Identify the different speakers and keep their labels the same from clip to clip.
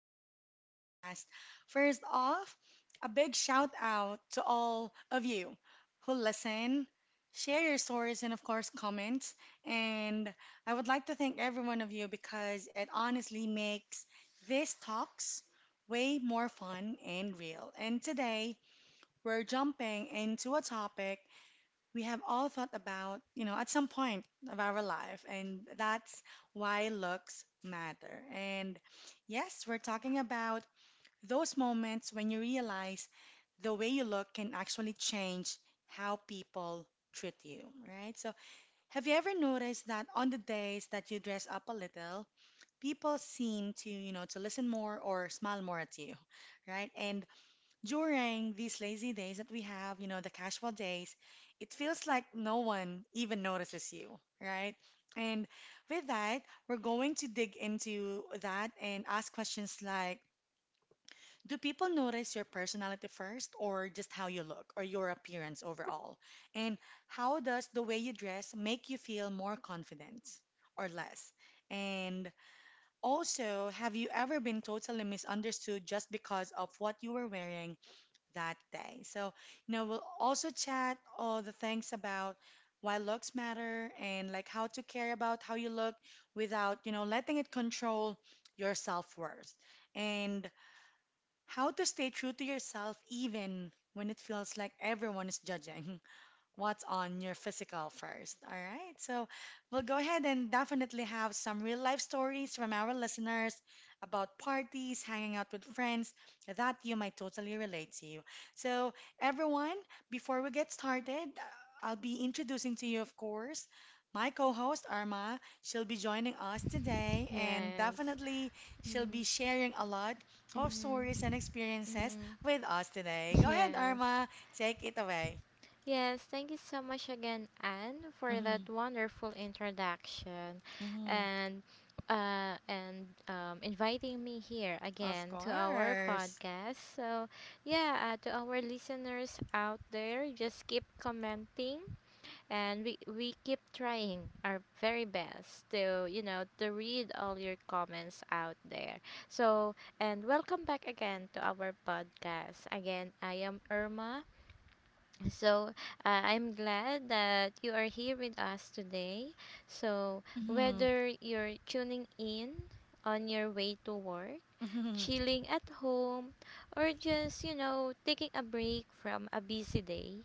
Speaker 1: back to the podcast. First off, a big shout out to all of you who listen, share your stories, and of course, comments. And I would like to thank every one of you because it honestly makes these talks way more fun and real. And today, we're jumping into a topic we have all thought about at some point of our life, and that's why looks matter. And yes, we're talking about those moments when you realize the way you look can actually change how people treat you, right? So, have you ever noticed that on the days that you dress up a little, people seem to to listen more or smile more at you, right? And during these lazy days that we have the casual days, it feels like no one even notices you, right? And with that, we're going to dig into that and ask questions like, do people notice your personality first, or just how you look, or your appearance overall? And how does the way you dress make you feel more confident or less? And also, have you ever been totally misunderstood just because of what you were wearing that day. So, we'll also chat all the things about why looks matter and like how to care about how you look without letting it control your self-worth and how to stay true to yourself even when it feels like everyone is judging what's on your physical first. All right. So we'll go ahead and definitely have some real life stories from our listeners about parties, hanging out with friends that you might totally relate to. So, everyone, before we get started, I'll be introducing to you, of course. My co host Arma, she'll be joining us today, and
Speaker 2: Yes.
Speaker 1: definitely she'll be
Speaker 2: Mm,
Speaker 1: sharing a lot of
Speaker 2: mm,
Speaker 1: stories and experiences
Speaker 2: mm,
Speaker 1: with us today. Go ahead,
Speaker 2: yes.
Speaker 1: Arma, take it away.
Speaker 2: Yes, thank you so much again, Anne, for that wonderful introduction,
Speaker 1: Mm-hmm.
Speaker 2: and inviting me here
Speaker 1: Of
Speaker 2: again to our
Speaker 1: course.
Speaker 2: podcast. So yeah, to our listeners out there, just keep commenting, and we keep trying our very best to read all your comments out there. So and welcome back again to our podcast. Again, I am Irma. So I'm glad that you are here with us today. So
Speaker 1: Mm-hmm.
Speaker 2: whether you're tuning in on your way to work,
Speaker 1: Mm-hmm.
Speaker 2: chilling at home, or just, you know, taking a break from a busy day.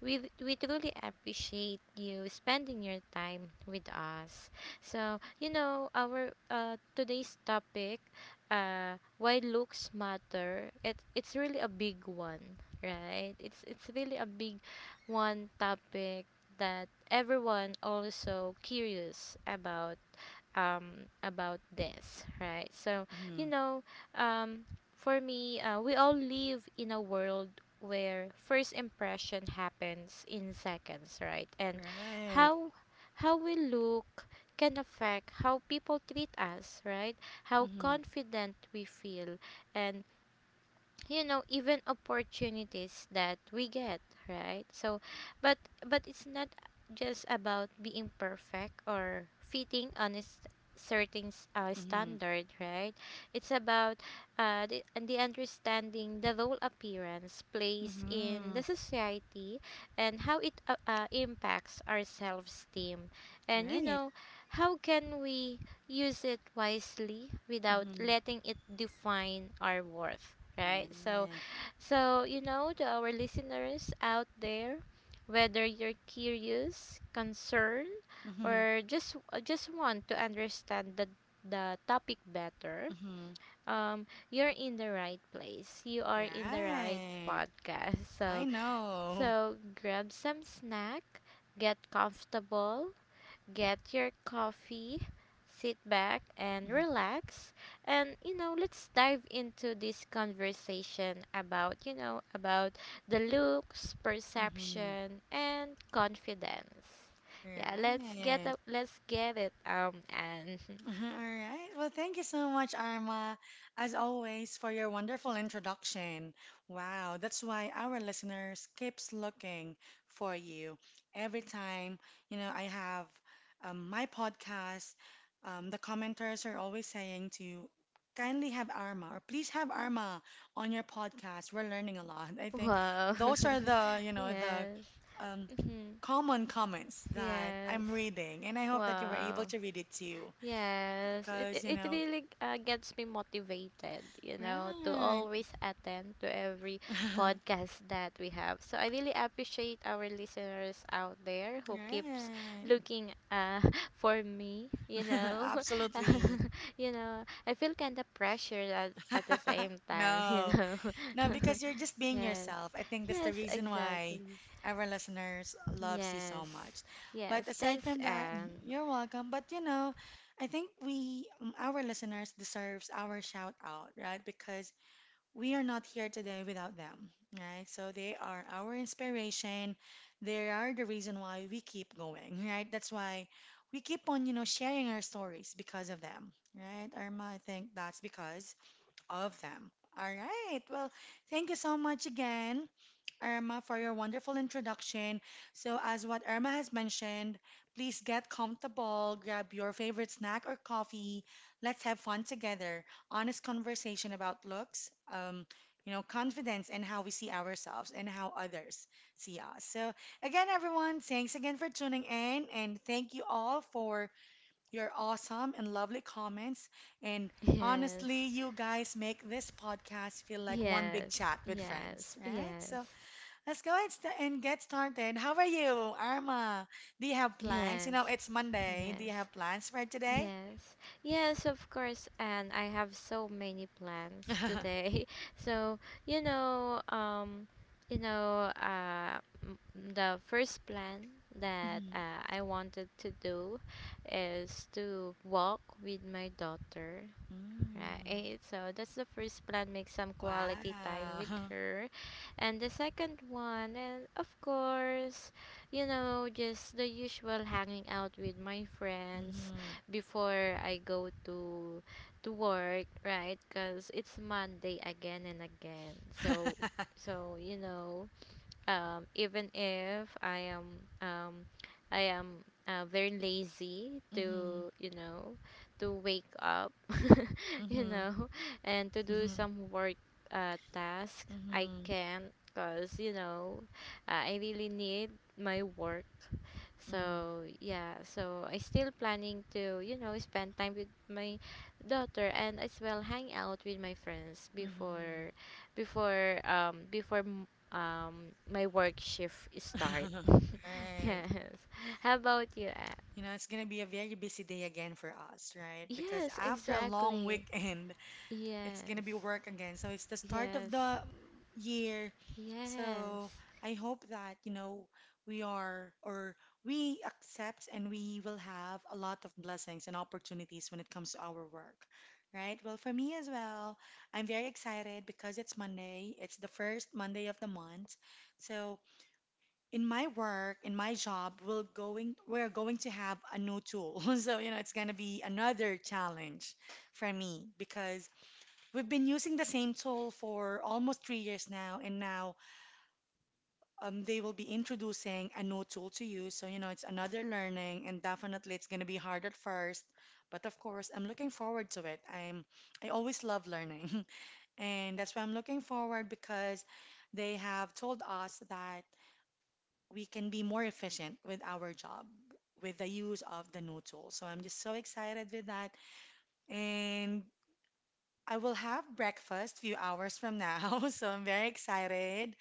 Speaker 2: We truly appreciate you spending your time with us. So, you know, our today's topic, why looks matter. It's really a big one, right? It's really a big one topic that everyone also curious about, about this, right? So you
Speaker 1: Mm-hmm.
Speaker 2: know, um, for me, we all live in a world where first impression happens in seconds, right? And
Speaker 1: Right.
Speaker 2: how how we look can affect how people treat us, right? How
Speaker 1: Mm-hmm.
Speaker 2: confident we feel, and you know, even opportunities that we get, right? So but but it's not just about being perfect or fitting on a certain
Speaker 1: Mm-hmm.
Speaker 2: standard, right? It's about the understanding the role appearance plays in
Speaker 1: Mm-hmm.
Speaker 2: the society, and how it impacts our self-esteem, and you
Speaker 1: Right.
Speaker 2: know, how can we use it wisely without
Speaker 1: Mm-hmm.
Speaker 2: letting it define our worth, right? So
Speaker 1: Right.
Speaker 2: so you know, to our listeners out there, whether you're curious, concerned,
Speaker 1: Mm-hmm.
Speaker 2: or just want to understand the topic better,
Speaker 1: Mm-hmm.
Speaker 2: you're in the right place, you are in the right
Speaker 1: Right.
Speaker 2: podcast.
Speaker 1: I
Speaker 2: So
Speaker 1: know.
Speaker 2: so grab some snack, get comfortable, get your coffee, sit back and relax. And, you know, let's dive into this conversation about, you know, about the looks,
Speaker 1: Mm-hmm.
Speaker 2: perception, and confidence. Yeah, let's get
Speaker 1: Right.
Speaker 2: up, let's get it, and
Speaker 1: All right. Well, thank you so much, Arma, as always, for your wonderful introduction. Wow, that's why our listeners keeps looking for you every time. I have my podcast. The commenters are always saying to kindly have Arma or please have Arma on your podcast. We're learning a lot. I think
Speaker 2: wow,
Speaker 1: those are the, you know, the
Speaker 2: yes,
Speaker 1: um,
Speaker 2: mhm,
Speaker 1: common comments that
Speaker 2: yes,
Speaker 1: I'm reading, and I hope that you were able
Speaker 2: wow.
Speaker 1: to read it too
Speaker 2: Yes, it
Speaker 1: because
Speaker 2: it it really gets me motivated, you know, to
Speaker 1: right.
Speaker 2: always attend to every podcast that we have. So I really appreciate our listeners out there who keeps
Speaker 1: Right.
Speaker 2: looking for me, you know.
Speaker 1: Absolutely.
Speaker 2: I feel kind of pressured at the same time, you
Speaker 1: No,
Speaker 2: know.
Speaker 1: no, because you're just being
Speaker 2: yes.
Speaker 1: yourself. I think that's the
Speaker 2: Yes,
Speaker 1: reason why
Speaker 2: exactly.
Speaker 1: our listeners loves you so
Speaker 2: Yes.
Speaker 1: much. But
Speaker 2: Yes,
Speaker 1: aside
Speaker 2: thanks,
Speaker 1: from that,
Speaker 2: Anne.
Speaker 1: you're welcome. But I think our listeners deserves our shout out, right? Because we are not here today without them, right? So they are our inspiration. They are the reason why we keep going, right? That's why we keep on sharing our stories because of them, right? Irma, I think that's because of them. All right. Well, thank you so much again Irma, for your wonderful introduction. So, as what Irma has mentioned, please get comfortable, grab your favorite snack or coffee. Let's have fun together. Honest conversation about looks, confidence, and how we see ourselves and how others see us. So, again, everyone, thanks again for tuning in, and thank you all for your awesome and lovely comments. And
Speaker 2: Yes.
Speaker 1: honestly, you guys make this podcast feel like one big
Speaker 2: Yes,
Speaker 1: chat with friends,
Speaker 2: yes,
Speaker 1: right? So,
Speaker 2: yes,
Speaker 1: let's go and get started. How are you, Arma? Do you have plans? You know,
Speaker 2: yes,
Speaker 1: it's Monday. Do you
Speaker 2: yes,
Speaker 1: have plans for today?
Speaker 2: yes, yes, of course. And I have so many plans today. So, you know, um, you know, uh, m- the first plan that
Speaker 1: Mhm.
Speaker 2: I wanted to do is to walk with my daughter. Right.
Speaker 1: Mm.
Speaker 2: eh, So that's the first plan. Make some quality time with
Speaker 1: Wow.
Speaker 2: her, and the second one, and of course, you know, just the usual hanging out with my friends
Speaker 1: Mhm.
Speaker 2: before I go to work, right? Because it's Monday again and again. So so you know, even if um, I am very lazy
Speaker 1: Mhm.
Speaker 2: to wake up you
Speaker 1: Mhm.
Speaker 2: know, and to do
Speaker 1: Mhm.
Speaker 2: some work task. I
Speaker 1: Mhm.
Speaker 2: can because you know, I really need my work.
Speaker 1: Mhm.
Speaker 2: So yeah, so I still planning to you know, spend time with my daughter, and as well hang out with my friends before
Speaker 1: Mhm.
Speaker 2: before um before m- um my work shift start.
Speaker 1: Right.
Speaker 2: yes. How about you? Ab?
Speaker 1: It's gonna be a very busy day again for us, right? Because
Speaker 2: Yes,
Speaker 1: after a long
Speaker 2: exactly.
Speaker 1: weekend, it's gonna be
Speaker 2: Yes.
Speaker 1: work again. So it's the start of
Speaker 2: Yes.
Speaker 1: the year.
Speaker 2: Yes.
Speaker 1: So I hope that we are or we accept and we will have a lot of blessings and opportunities when it comes to our work, right? Well, for me as well, I'm very excited because it's Monday. It's the first Monday of the month. So in my work, in my job, we're going to have a new tool. So it's gonna be another challenge for me because we've been using the same tool for almost 3 years now, and now they will be introducing a new tool to you. So it's another learning, and definitely it's going to be hard at first. But of course, I'm looking forward to it. I always love learning, and that's why I'm looking forward because they have told us that we can be more efficient with our job with the use of the new tool. So I'm just so excited with that. And I will have breakfast few hours from now, so I'm very excited.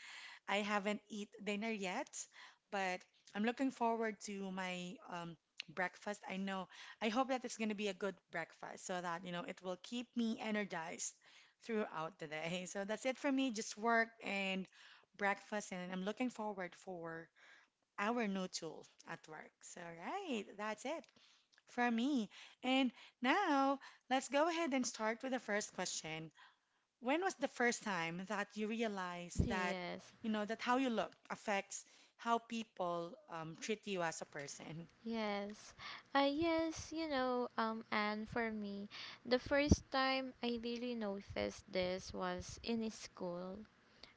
Speaker 1: I haven't eat dinner yet, but I'm looking forward to my breakfast. I know, I hope that it's going to be a good breakfast so that it will keep me energized throughout the day. So that's it for me, just work and breakfast, and I'm looking forward for our new tool at work. So, right, that's it for me. And now, let's go ahead and start with the first question. When was the first time that you realized that
Speaker 2: Yes.
Speaker 1: how you look affects how people treat you as a person?
Speaker 2: Yes. Yes, you know, and for me, the first time I really noticed this was in school.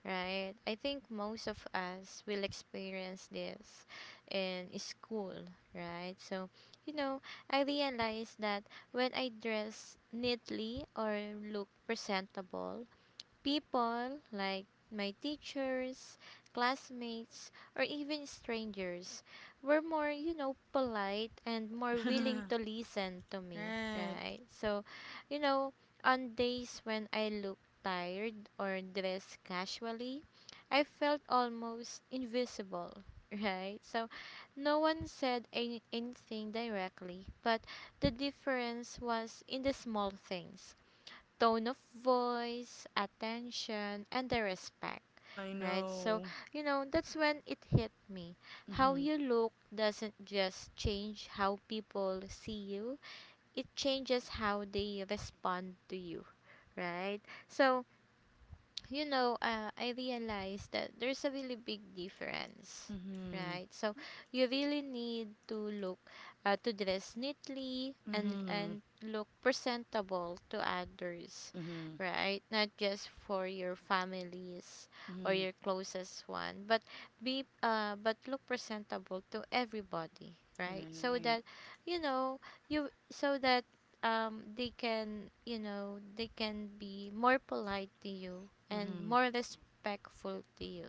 Speaker 2: Right? I think most of us will experience this in school, right? So, you know, I realized that when I dress neatly or look presentable, people like my teachers, classmates, or even strangers were more, you know, polite and more willing to listen to me,
Speaker 1: Right.
Speaker 2: right? So, you know, on days when I look tired or dress casually, I felt almost invisible, right? So, no one said anything directly, but the difference was in the small things: tone of voice, attention, and the respect,
Speaker 1: I
Speaker 2: right? So,
Speaker 1: know.
Speaker 2: you know, that's when it hit me. How
Speaker 1: Mm-hmm.
Speaker 2: you look doesn't just change how people see you, it changes how they respond to you, right? So, you know, I realized that there's a really big difference,
Speaker 1: Mm-hmm.
Speaker 2: right? So you really need to look, to dress neatly and
Speaker 1: Mm-hmm.
Speaker 2: look presentable to others,
Speaker 1: Mm-hmm.
Speaker 2: right? Not just for your families or
Speaker 1: Mm-hmm.
Speaker 2: your closest one, but be but look presentable to everybody, right? So
Speaker 1: Right.
Speaker 2: that you know you so that they can you know, they can be more polite to you and
Speaker 1: Mm-hmm.
Speaker 2: more respectful to you,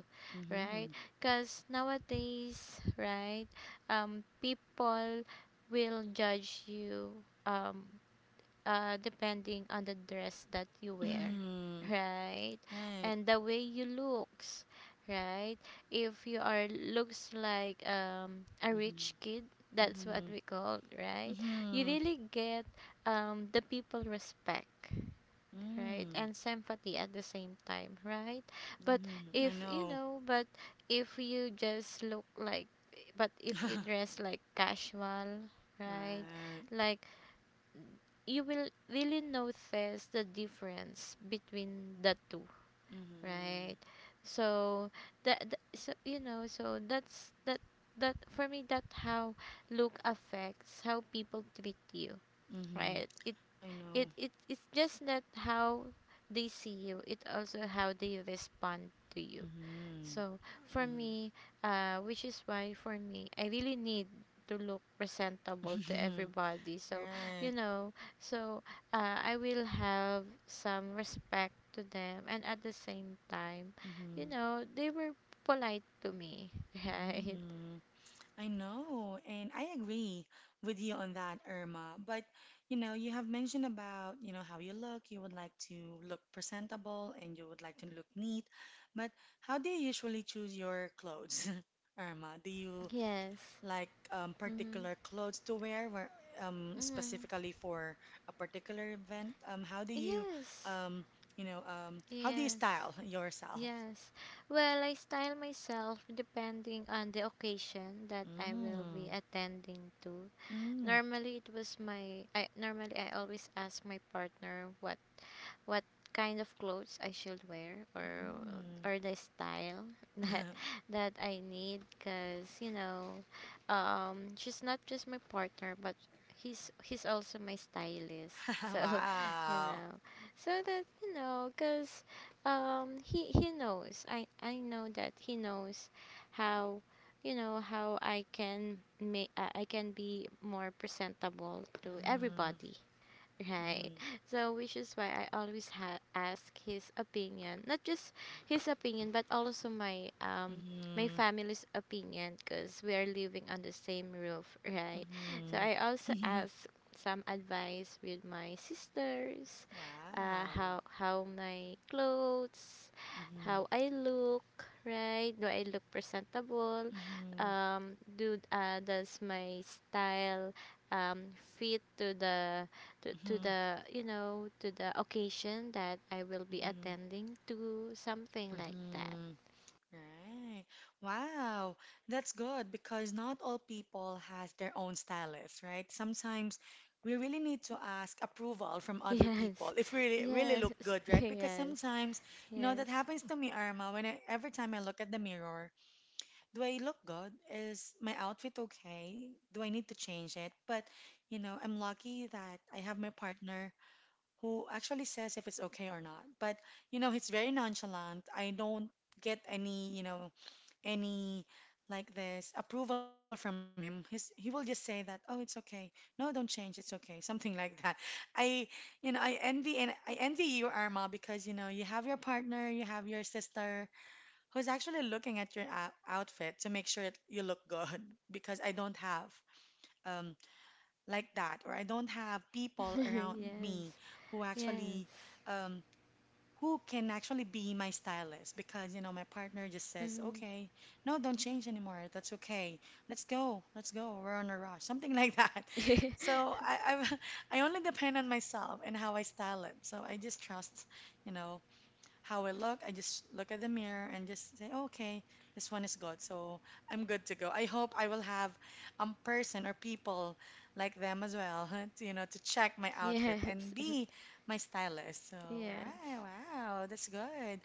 Speaker 2: right?
Speaker 1: Mm-hmm.
Speaker 2: Because nowadays, right, people will judge you, depending on the dress that you wear,
Speaker 1: Mm-hmm.
Speaker 2: right?
Speaker 1: Right.
Speaker 2: And the way you looks, right? If you are looks like a rich
Speaker 1: Mm-hmm.
Speaker 2: kid, that's what
Speaker 1: Mm-hmm.
Speaker 2: we call, right? You
Speaker 1: Mm-hmm.
Speaker 2: really get the people respect, right,
Speaker 1: Mm-hmm.
Speaker 2: and sympathy at the same time, right? But
Speaker 1: Mm-hmm. I
Speaker 2: if you
Speaker 1: know.
Speaker 2: know but if you just look like but if you dress like casual, right,
Speaker 1: Right.
Speaker 2: like, you will really notice the difference between the two,
Speaker 1: Mm-hmm.
Speaker 2: right? So that's that for me, that how look affects how people treat you,
Speaker 1: Mm-hmm.
Speaker 2: right. it
Speaker 1: I
Speaker 2: it,
Speaker 1: know.
Speaker 2: it it's just not how they see you, it also how they respond to you.
Speaker 1: Mhm.
Speaker 2: So for
Speaker 1: Mhm.
Speaker 2: me, which is why for me, I really need to look presentable to everybody. So
Speaker 1: Right.
Speaker 2: you know, so I will have some respect to them, and at the same time, you
Speaker 1: Mhm.
Speaker 2: know, they were polite to me, right?
Speaker 1: Mhm. I know, and I agree with you on that, Irma. But you have mentioned about how you look. You would like to look presentable and you would like to look neat. But how do you usually choose your clothes, Irma? Do you
Speaker 2: Yes.
Speaker 1: like
Speaker 2: Mm-hmm.
Speaker 1: particular clothes to wear where,
Speaker 2: Mm-hmm.
Speaker 1: specifically for a particular event? How do you,
Speaker 2: Yes.
Speaker 1: um, you know, how do you
Speaker 2: Yes.
Speaker 1: style yourself?
Speaker 2: Yes. Well, I style myself depending on the occasion that I will be
Speaker 1: Mm,
Speaker 2: attending to.
Speaker 1: mm,
Speaker 2: Normally it was my I normally I always ask my partner what kind of clothes I should wear, or
Speaker 1: mm.
Speaker 2: the style that that I need, because you know, she's not just my partner, but he's also my stylist. So you
Speaker 1: Wow.
Speaker 2: know, so that you know, because he knows, I know that he knows how, you know, how I can make, I can be more presentable to
Speaker 1: Mm,
Speaker 2: everybody. Right.
Speaker 1: mm,
Speaker 2: So, which is why I always ask his opinion, not just his opinion, but also my my
Speaker 1: mm,
Speaker 2: family's opinion, because we are living on the same roof, right? So
Speaker 1: mm.
Speaker 2: I also ask some advice with my sisters,
Speaker 1: Wow.
Speaker 2: how my clothes, how
Speaker 1: Mm,
Speaker 2: I look, right? Do I look presentable?
Speaker 1: mm,
Speaker 2: Do does my style fit to the to
Speaker 1: mm,
Speaker 2: the you know, to the occasion that I will be
Speaker 1: mm,
Speaker 2: attending to, something like that.
Speaker 1: Hmm. Right. Wow. That's good because not all people has their own stylist, right? Sometimes we really need to ask approval from other people
Speaker 2: Yes,
Speaker 1: if we really, really
Speaker 2: yes,
Speaker 1: look good, right? Because
Speaker 2: yes,
Speaker 1: sometimes
Speaker 2: yes,
Speaker 1: that happens to me, Irma, every time I look at the mirror, do I look good? Is my outfit okay? Do I need to change it? But I'm lucky that I have my partner who actually says if it's okay or not. But he's very nonchalant. I don't get any like this approval from him, he will just say that, "Oh, it's okay. No, don't change. It's okay." Something like that. I, I envy you, Arma, because you know you have your partner, you have your sister who's actually looking at your outfit to make sure you look good. Because I don't have um like that, or I don't have people around me
Speaker 2: yes,
Speaker 1: who
Speaker 2: yes,
Speaker 1: actually um who can actually be my stylist because my partner just says
Speaker 2: mhm,
Speaker 1: okay no don't change anymore that's okay let's go we're on a rush something like that
Speaker 2: yes,
Speaker 1: so I, I only depend on myself and how I style it so I just trust you know how I look. I just look at the mirror and just say, "Oh, okay, this one is good. So I'm good to go. I hope I will have a person or people like them as well, to check my outfit
Speaker 2: yes,
Speaker 1: and be my stylist. So, right,
Speaker 2: yes,
Speaker 1: wow, that's good,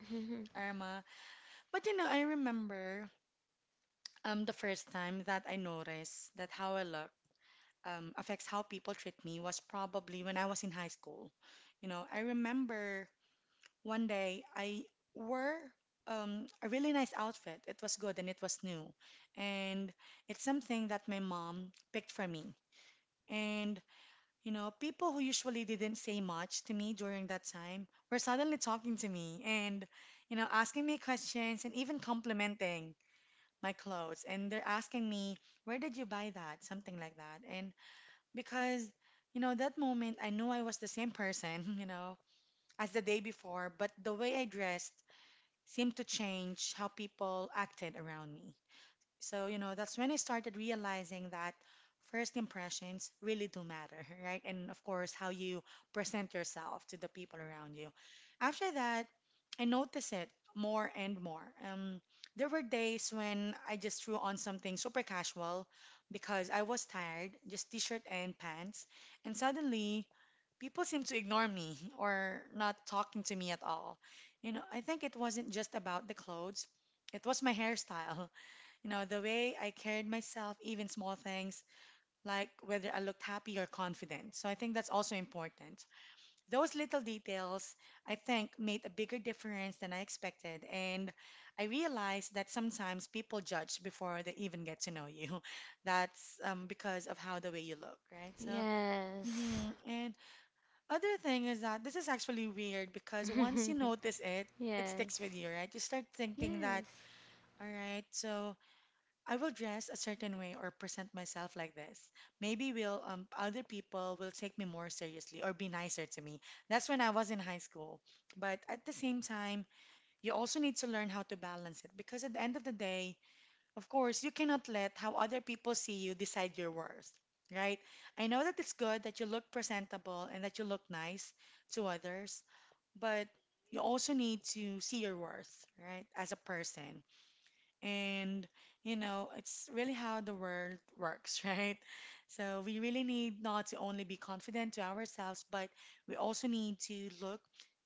Speaker 1: Irma. But I remember the first time that I noticed that how I look affects how people treat me was probably when I was in high school. I remember one day I wore a really nice outfit. It was good and it was new. And it's something that my mom picked for me. And people who usually didn't say much to me during that time were suddenly talking to me and asking me questions and even complimenting my clothes. And they're asking me, where did you buy that? Something like that. And because that moment I knew I was the same person, as the day before, but the way I dressed seemed to change how people acted around me. So that's when I started realizing that first impressions really do matter, right? And of course, how you present yourself to the people around you. After that, I noticed it more and more. There were days when I just threw on something super casual because I was tired, just t shirt and pants, and suddenly people seemed to ignore me or not talking to me at all. You know, I think it wasn't just about the clothes, it was my hairstyle. You know, the way I carried myself, even small things like whether I looked happy or confident. So I think that's also important. Those little details, I think, made a bigger difference than I expected. And I realized that sometimes people judge before they even get to know you. That's because of how the way you look, right? So, mhm. And other thing is that this is actually weird because once you notice it, it sticks with
Speaker 2: yes,
Speaker 1: you, right? You start thinking that,
Speaker 2: yes,
Speaker 1: all right, so. I will dress a certain way or present myself like this. Maybe will other people will take me more seriously or be nicer to me. That's when I was in high school. But at the same time, you also need to learn how to balance it because at the end of the day, of course, you cannot let how other people see you decide your worth, right? I know that it's good that you look presentable and that you look nice to others, but you also need to see your worth, right, as a person. And, you know, it's really how the world works, right? So we really need not to only be confident to ourselves, but we also need to look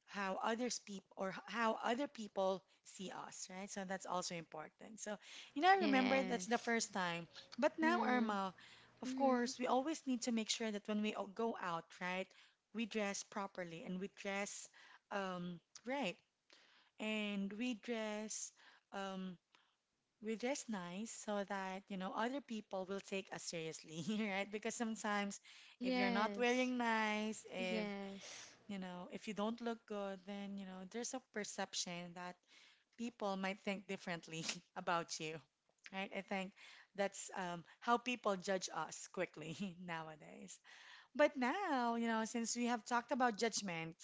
Speaker 1: how others people or how other people see us, right? So that's also important. So, you know, I remember that's the
Speaker 2: yes,
Speaker 1: first time. But now,
Speaker 2: mm,
Speaker 1: Irma, of
Speaker 2: mhm,
Speaker 1: course, we always need to make sure that when we go out, right, we dress properly and we dress um, right and we dress. Um, we're just nice so that, you know, other people will take us seriously, right? Because sometimes if you're not
Speaker 2: yes,
Speaker 1: wearing nice, if,
Speaker 2: yes,
Speaker 1: you know, if you don't look good, then, you know, there's a perception that people might think differently about you, right? I think that's how people judge us quickly nowadays. But now, you know, since we have talked about judgment,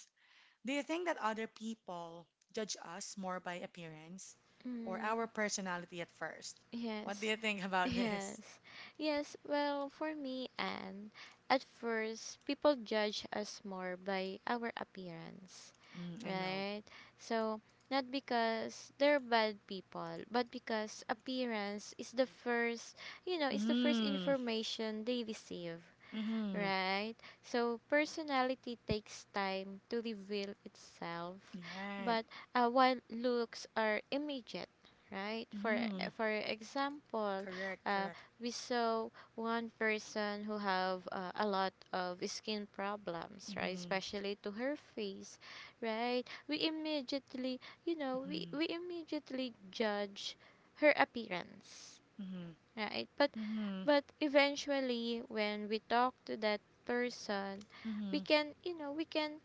Speaker 1: do you think that other people judge us more by appearance or our
Speaker 2: mm,
Speaker 1: personality at first? What do
Speaker 2: yes.
Speaker 1: you think about this?
Speaker 2: Yes. Yes, well, for me, and at first, people judge us more by our appearance,
Speaker 1: Mm, I know.
Speaker 2: right? So, not because they're bad people, but because appearance is the first, you know, it's the first
Speaker 1: Mm,
Speaker 2: information they receive,
Speaker 1: mm-hmm.
Speaker 2: right? So personality takes time to reveal itself,
Speaker 1: Right.
Speaker 2: but while looks are immediate, right?
Speaker 1: Mm,
Speaker 2: For example,
Speaker 1: correct,
Speaker 2: uh,
Speaker 1: correct.
Speaker 2: we saw one person who have a lot of skin problems, right?
Speaker 1: Mm-hmm,
Speaker 2: Especially to her face, right? We immediately, you know,
Speaker 1: mm-hmm,
Speaker 2: we immediately judge her appearance,
Speaker 1: mm-hmm,
Speaker 2: right,
Speaker 1: mm-hmm,
Speaker 2: but eventually when we talk to that person, we
Speaker 1: mm-hmm,
Speaker 2: can, you know, we can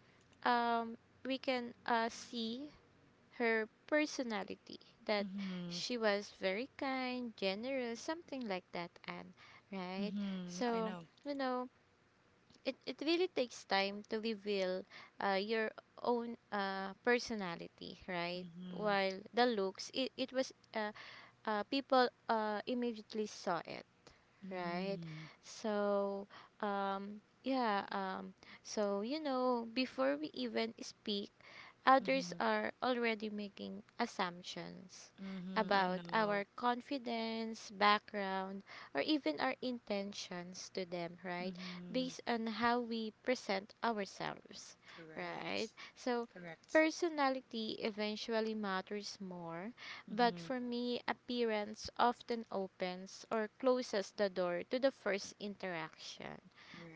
Speaker 2: um see her personality, that
Speaker 1: mm-hmm,
Speaker 2: she was very kind, generous, something like that, and right.
Speaker 1: mm-hmm. I
Speaker 2: So
Speaker 1: know.
Speaker 2: you know, it really takes time to reveal your own personality, right,
Speaker 1: Mm-hmm,
Speaker 2: while the looks, it was people immediately saw it, right?
Speaker 1: mm-hmm,
Speaker 2: So, um, yeah, um, so you know, before we even speak, others
Speaker 1: mm-hmm,
Speaker 2: are already making assumptions
Speaker 1: mm-hmm. I
Speaker 2: about our
Speaker 1: know.
Speaker 2: confidence, background, or even our intentions to them, right?
Speaker 1: Mm-hmm.
Speaker 2: Based on how we present ourselves, right?
Speaker 1: Correct,
Speaker 2: So,
Speaker 1: correct.
Speaker 2: personality eventually matters more, but
Speaker 1: Mm-hmm.
Speaker 2: for me, appearance often opens or closes the door to the first interaction.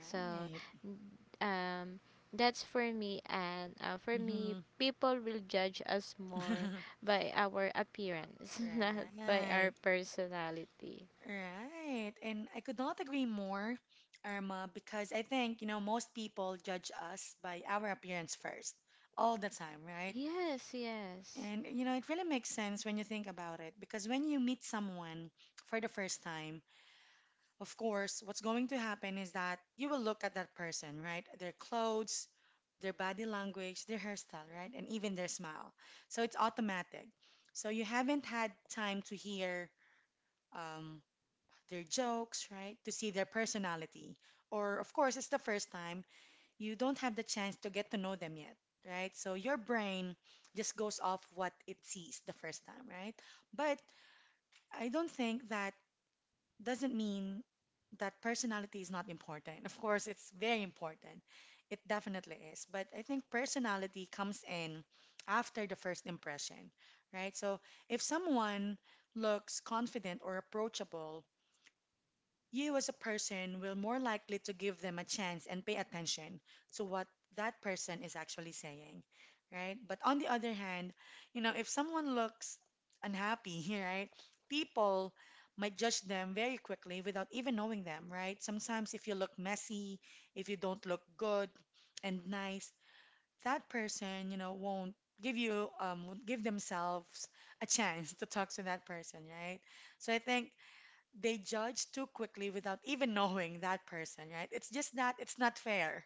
Speaker 2: So, n- um, that's for me, and for me,
Speaker 1: Mm-hmm.
Speaker 2: people will judge us more by our appearance, not by our
Speaker 1: Right,
Speaker 2: personality.
Speaker 1: right. And I could not agree more, Irma, because I think, you know, most people judge us by our appearance first, all the time, right?
Speaker 2: Yes, yes,
Speaker 1: And, you know, it really makes sense when you think about it, because when you meet someone for the first time, of course, what's going to happen is that you will look at that person, right? Their clothes, their body language, their hairstyle, right? And even their smile. So it's automatic. So you haven't had time to hear um, their jokes, right? To see their personality. Or, of course, it's the first time you don't have the chance to get to know them yet, right? So your brain just goes off what it sees the first time, right? But I don't think that doesn't mean that personality is not important. Of course, it's very important. It definitely is. But I think personality comes in after the first impression, right? So if someone looks confident or approachable, you as a person will more likely to give them a chance and pay attention to what that person is actually saying, right? But on the other hand, you know, if someone looks unhappy, right, people might judge them very quickly without even knowing them, right? Sometimes if you look messy, if you don't look good and nice, that person, you know, won't give you won't give themselves a chance to talk to that person, right? So I think they judge too quickly without even knowing that person, right? It's just that it's not fair.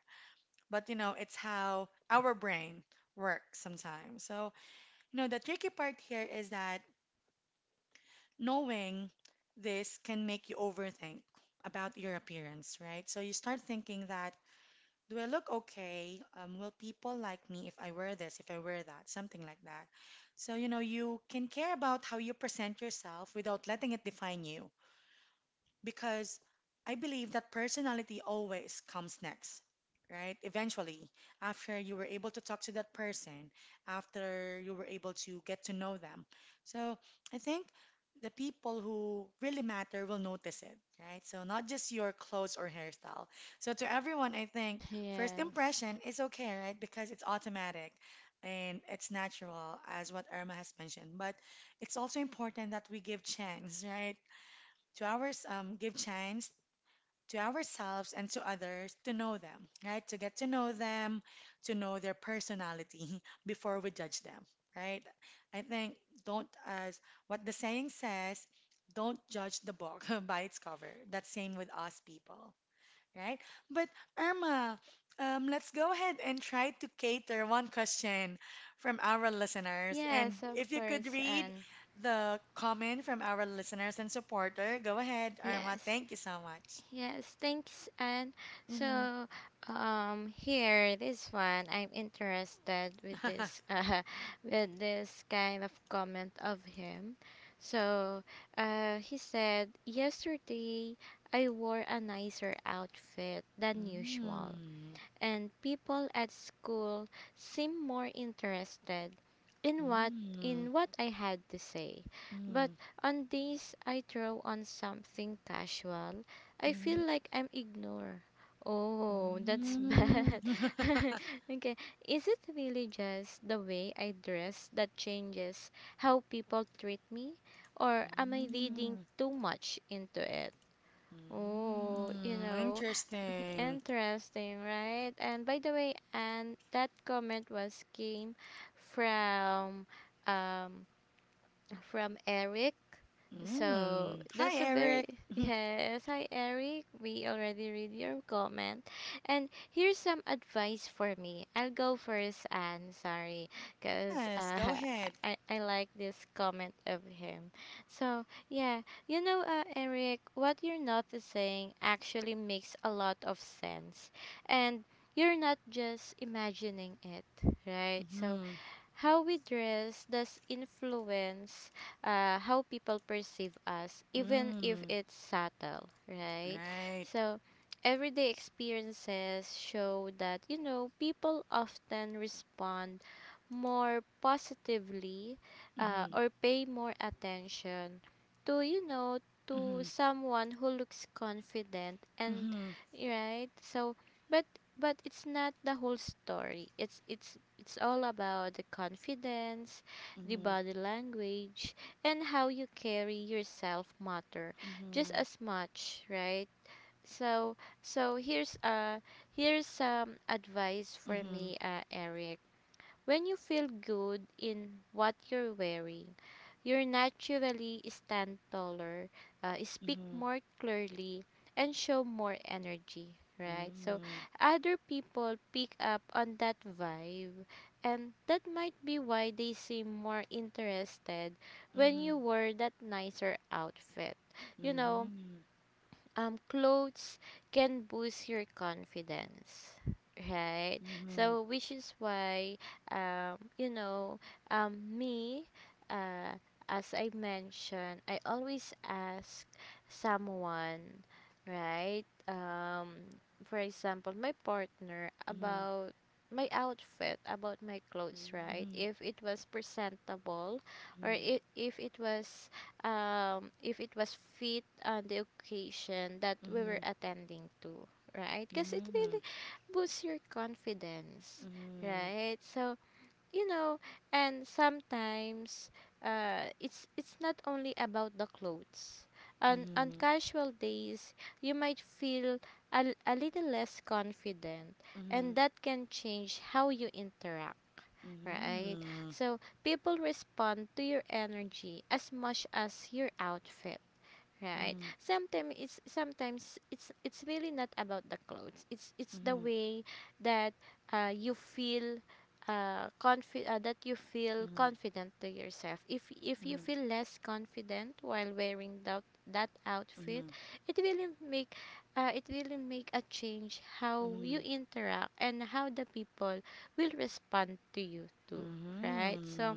Speaker 1: But you know, it's how our brain works sometimes. So, you know, the tricky part here is that knowing this can make you overthink about your appearance, right? So you start thinking that, do I look okay? Will people like me if I wear this, if I wear that, something like that. So, you know, you can care about how you present yourself without letting it define you, because I believe that personality always comes next, right? Eventually, after you were able to talk to that person, after you were able to get to know them. So I think the people who really matter will notice it, right? So not just your clothes or hairstyle. So to everyone, I think first
Speaker 2: yes,
Speaker 1: impression is okay, right? Because it's automatic and it's natural, as what Irma has mentioned. But it's also important that we give chance, right? to ours give chance to ourselves and to others to know them, right? To get to know them, to know their personality before we judge them, right? I think don't, as what the saying says, don't judge the book by its cover. That's same with us people. Right? But Irma, let's go ahead and try to cater one question from our listeners. And
Speaker 2: yes, of
Speaker 1: if you could
Speaker 2: course,
Speaker 1: read
Speaker 2: and
Speaker 1: the comment from our listeners and supporter, go ahead, Irma.
Speaker 2: yes.
Speaker 1: Thank you so much.
Speaker 2: Yes, thanks. And
Speaker 1: Mm-hmm.
Speaker 2: so, here, this one, I'm interested with this, with this kind of comment of him. So, he said, yesterday I wore a nicer outfit than usual,
Speaker 1: Mm,
Speaker 2: and people at school seemed more interested in what
Speaker 1: mm,
Speaker 2: in what I had to say. But
Speaker 1: mm,
Speaker 2: on days I throw on something casual, I feel
Speaker 1: mhm,
Speaker 2: like I'm ignored. Oh, that's bad.
Speaker 1: mm.
Speaker 2: Okay, is it really just the way I dress that changes how people treat me, or am I reading
Speaker 1: Mm,
Speaker 2: too much into it? Oh, you
Speaker 1: mm.
Speaker 2: know,
Speaker 1: Interesting.
Speaker 2: interesting, right? And by the way, and that comment was came from um from Eric. So
Speaker 1: Mm. Hi,
Speaker 2: that's a very
Speaker 1: Eric.
Speaker 2: yes. Hi, Eric. We already read your comment, and here's some advice for me. I'll go first. And sorry, cause
Speaker 1: Yes, go ahead.
Speaker 2: I like this comment of him. So yeah, you know, Eric, what you're noticing actually makes a lot of sense, and you're not just imagining it, right? So
Speaker 1: Mhm.
Speaker 2: how we dress does influence, how people perceive us, even if
Speaker 1: Mm.
Speaker 2: it's subtle, right?
Speaker 1: Right.
Speaker 2: So, everyday experiences show that, you know, people often respond more positively,
Speaker 1: Mhm.
Speaker 2: or pay more attention to, you know, to
Speaker 1: Mhm.
Speaker 2: someone who looks confident and
Speaker 1: Mhm.
Speaker 2: right, so but but it's not the whole story. It's all about the confidence, the
Speaker 1: Mhm.
Speaker 2: body language, and how you carry yourself matter just as much, right? So so here's some advice
Speaker 1: Mhm.
Speaker 2: for
Speaker 1: Mhm.
Speaker 2: me, Eric. When you feel good in what you're wearing, you naturally stand taller, speak
Speaker 1: Mhm.
Speaker 2: more clearly, and show more energy, right? So
Speaker 1: Mm.
Speaker 2: other people pick up on that vibe, and that might be why they seem more interested when
Speaker 1: Mhm.
Speaker 2: you wear that nicer outfit. You know, clothes can boost your confidence, right? So
Speaker 1: Mhm.
Speaker 2: which is why, um, you know me, uh, as I mentioned, I always ask someone, right? For example, my partner
Speaker 1: Mhm.
Speaker 2: about my outfit, about my clothes, right? If it was presentable or if it was, fit on the occasion that
Speaker 1: Mhm.
Speaker 2: we were
Speaker 1: Mhm.
Speaker 2: attending to, right? Because it
Speaker 1: Mhm.
Speaker 2: really
Speaker 1: Mhm.
Speaker 2: boosts your confidence, right? So, you know, and sometimes, it's not only about the clothes. On
Speaker 1: Mhm.
Speaker 2: casual days, you might feel a little less confident, and
Speaker 1: Mhm.
Speaker 2: that can change how you interact, right? So people respond to your energy as much as your outfit, right? Sometimes it's really not about the clothes. It's
Speaker 1: Mhm. Mhm.
Speaker 2: the
Speaker 1: Mhm. Mhm.
Speaker 2: way that, you feel, that you feel confident to yourself. If you feel less confident while wearing that
Speaker 1: Mhm.
Speaker 2: outfit,
Speaker 1: Mhm.
Speaker 2: it will make it will make a change
Speaker 1: Mhm. Mhm.
Speaker 2: how
Speaker 1: Mhm. Mhm.
Speaker 2: you
Speaker 1: Mhm.
Speaker 2: interact and how the people will respond to you too, right? So,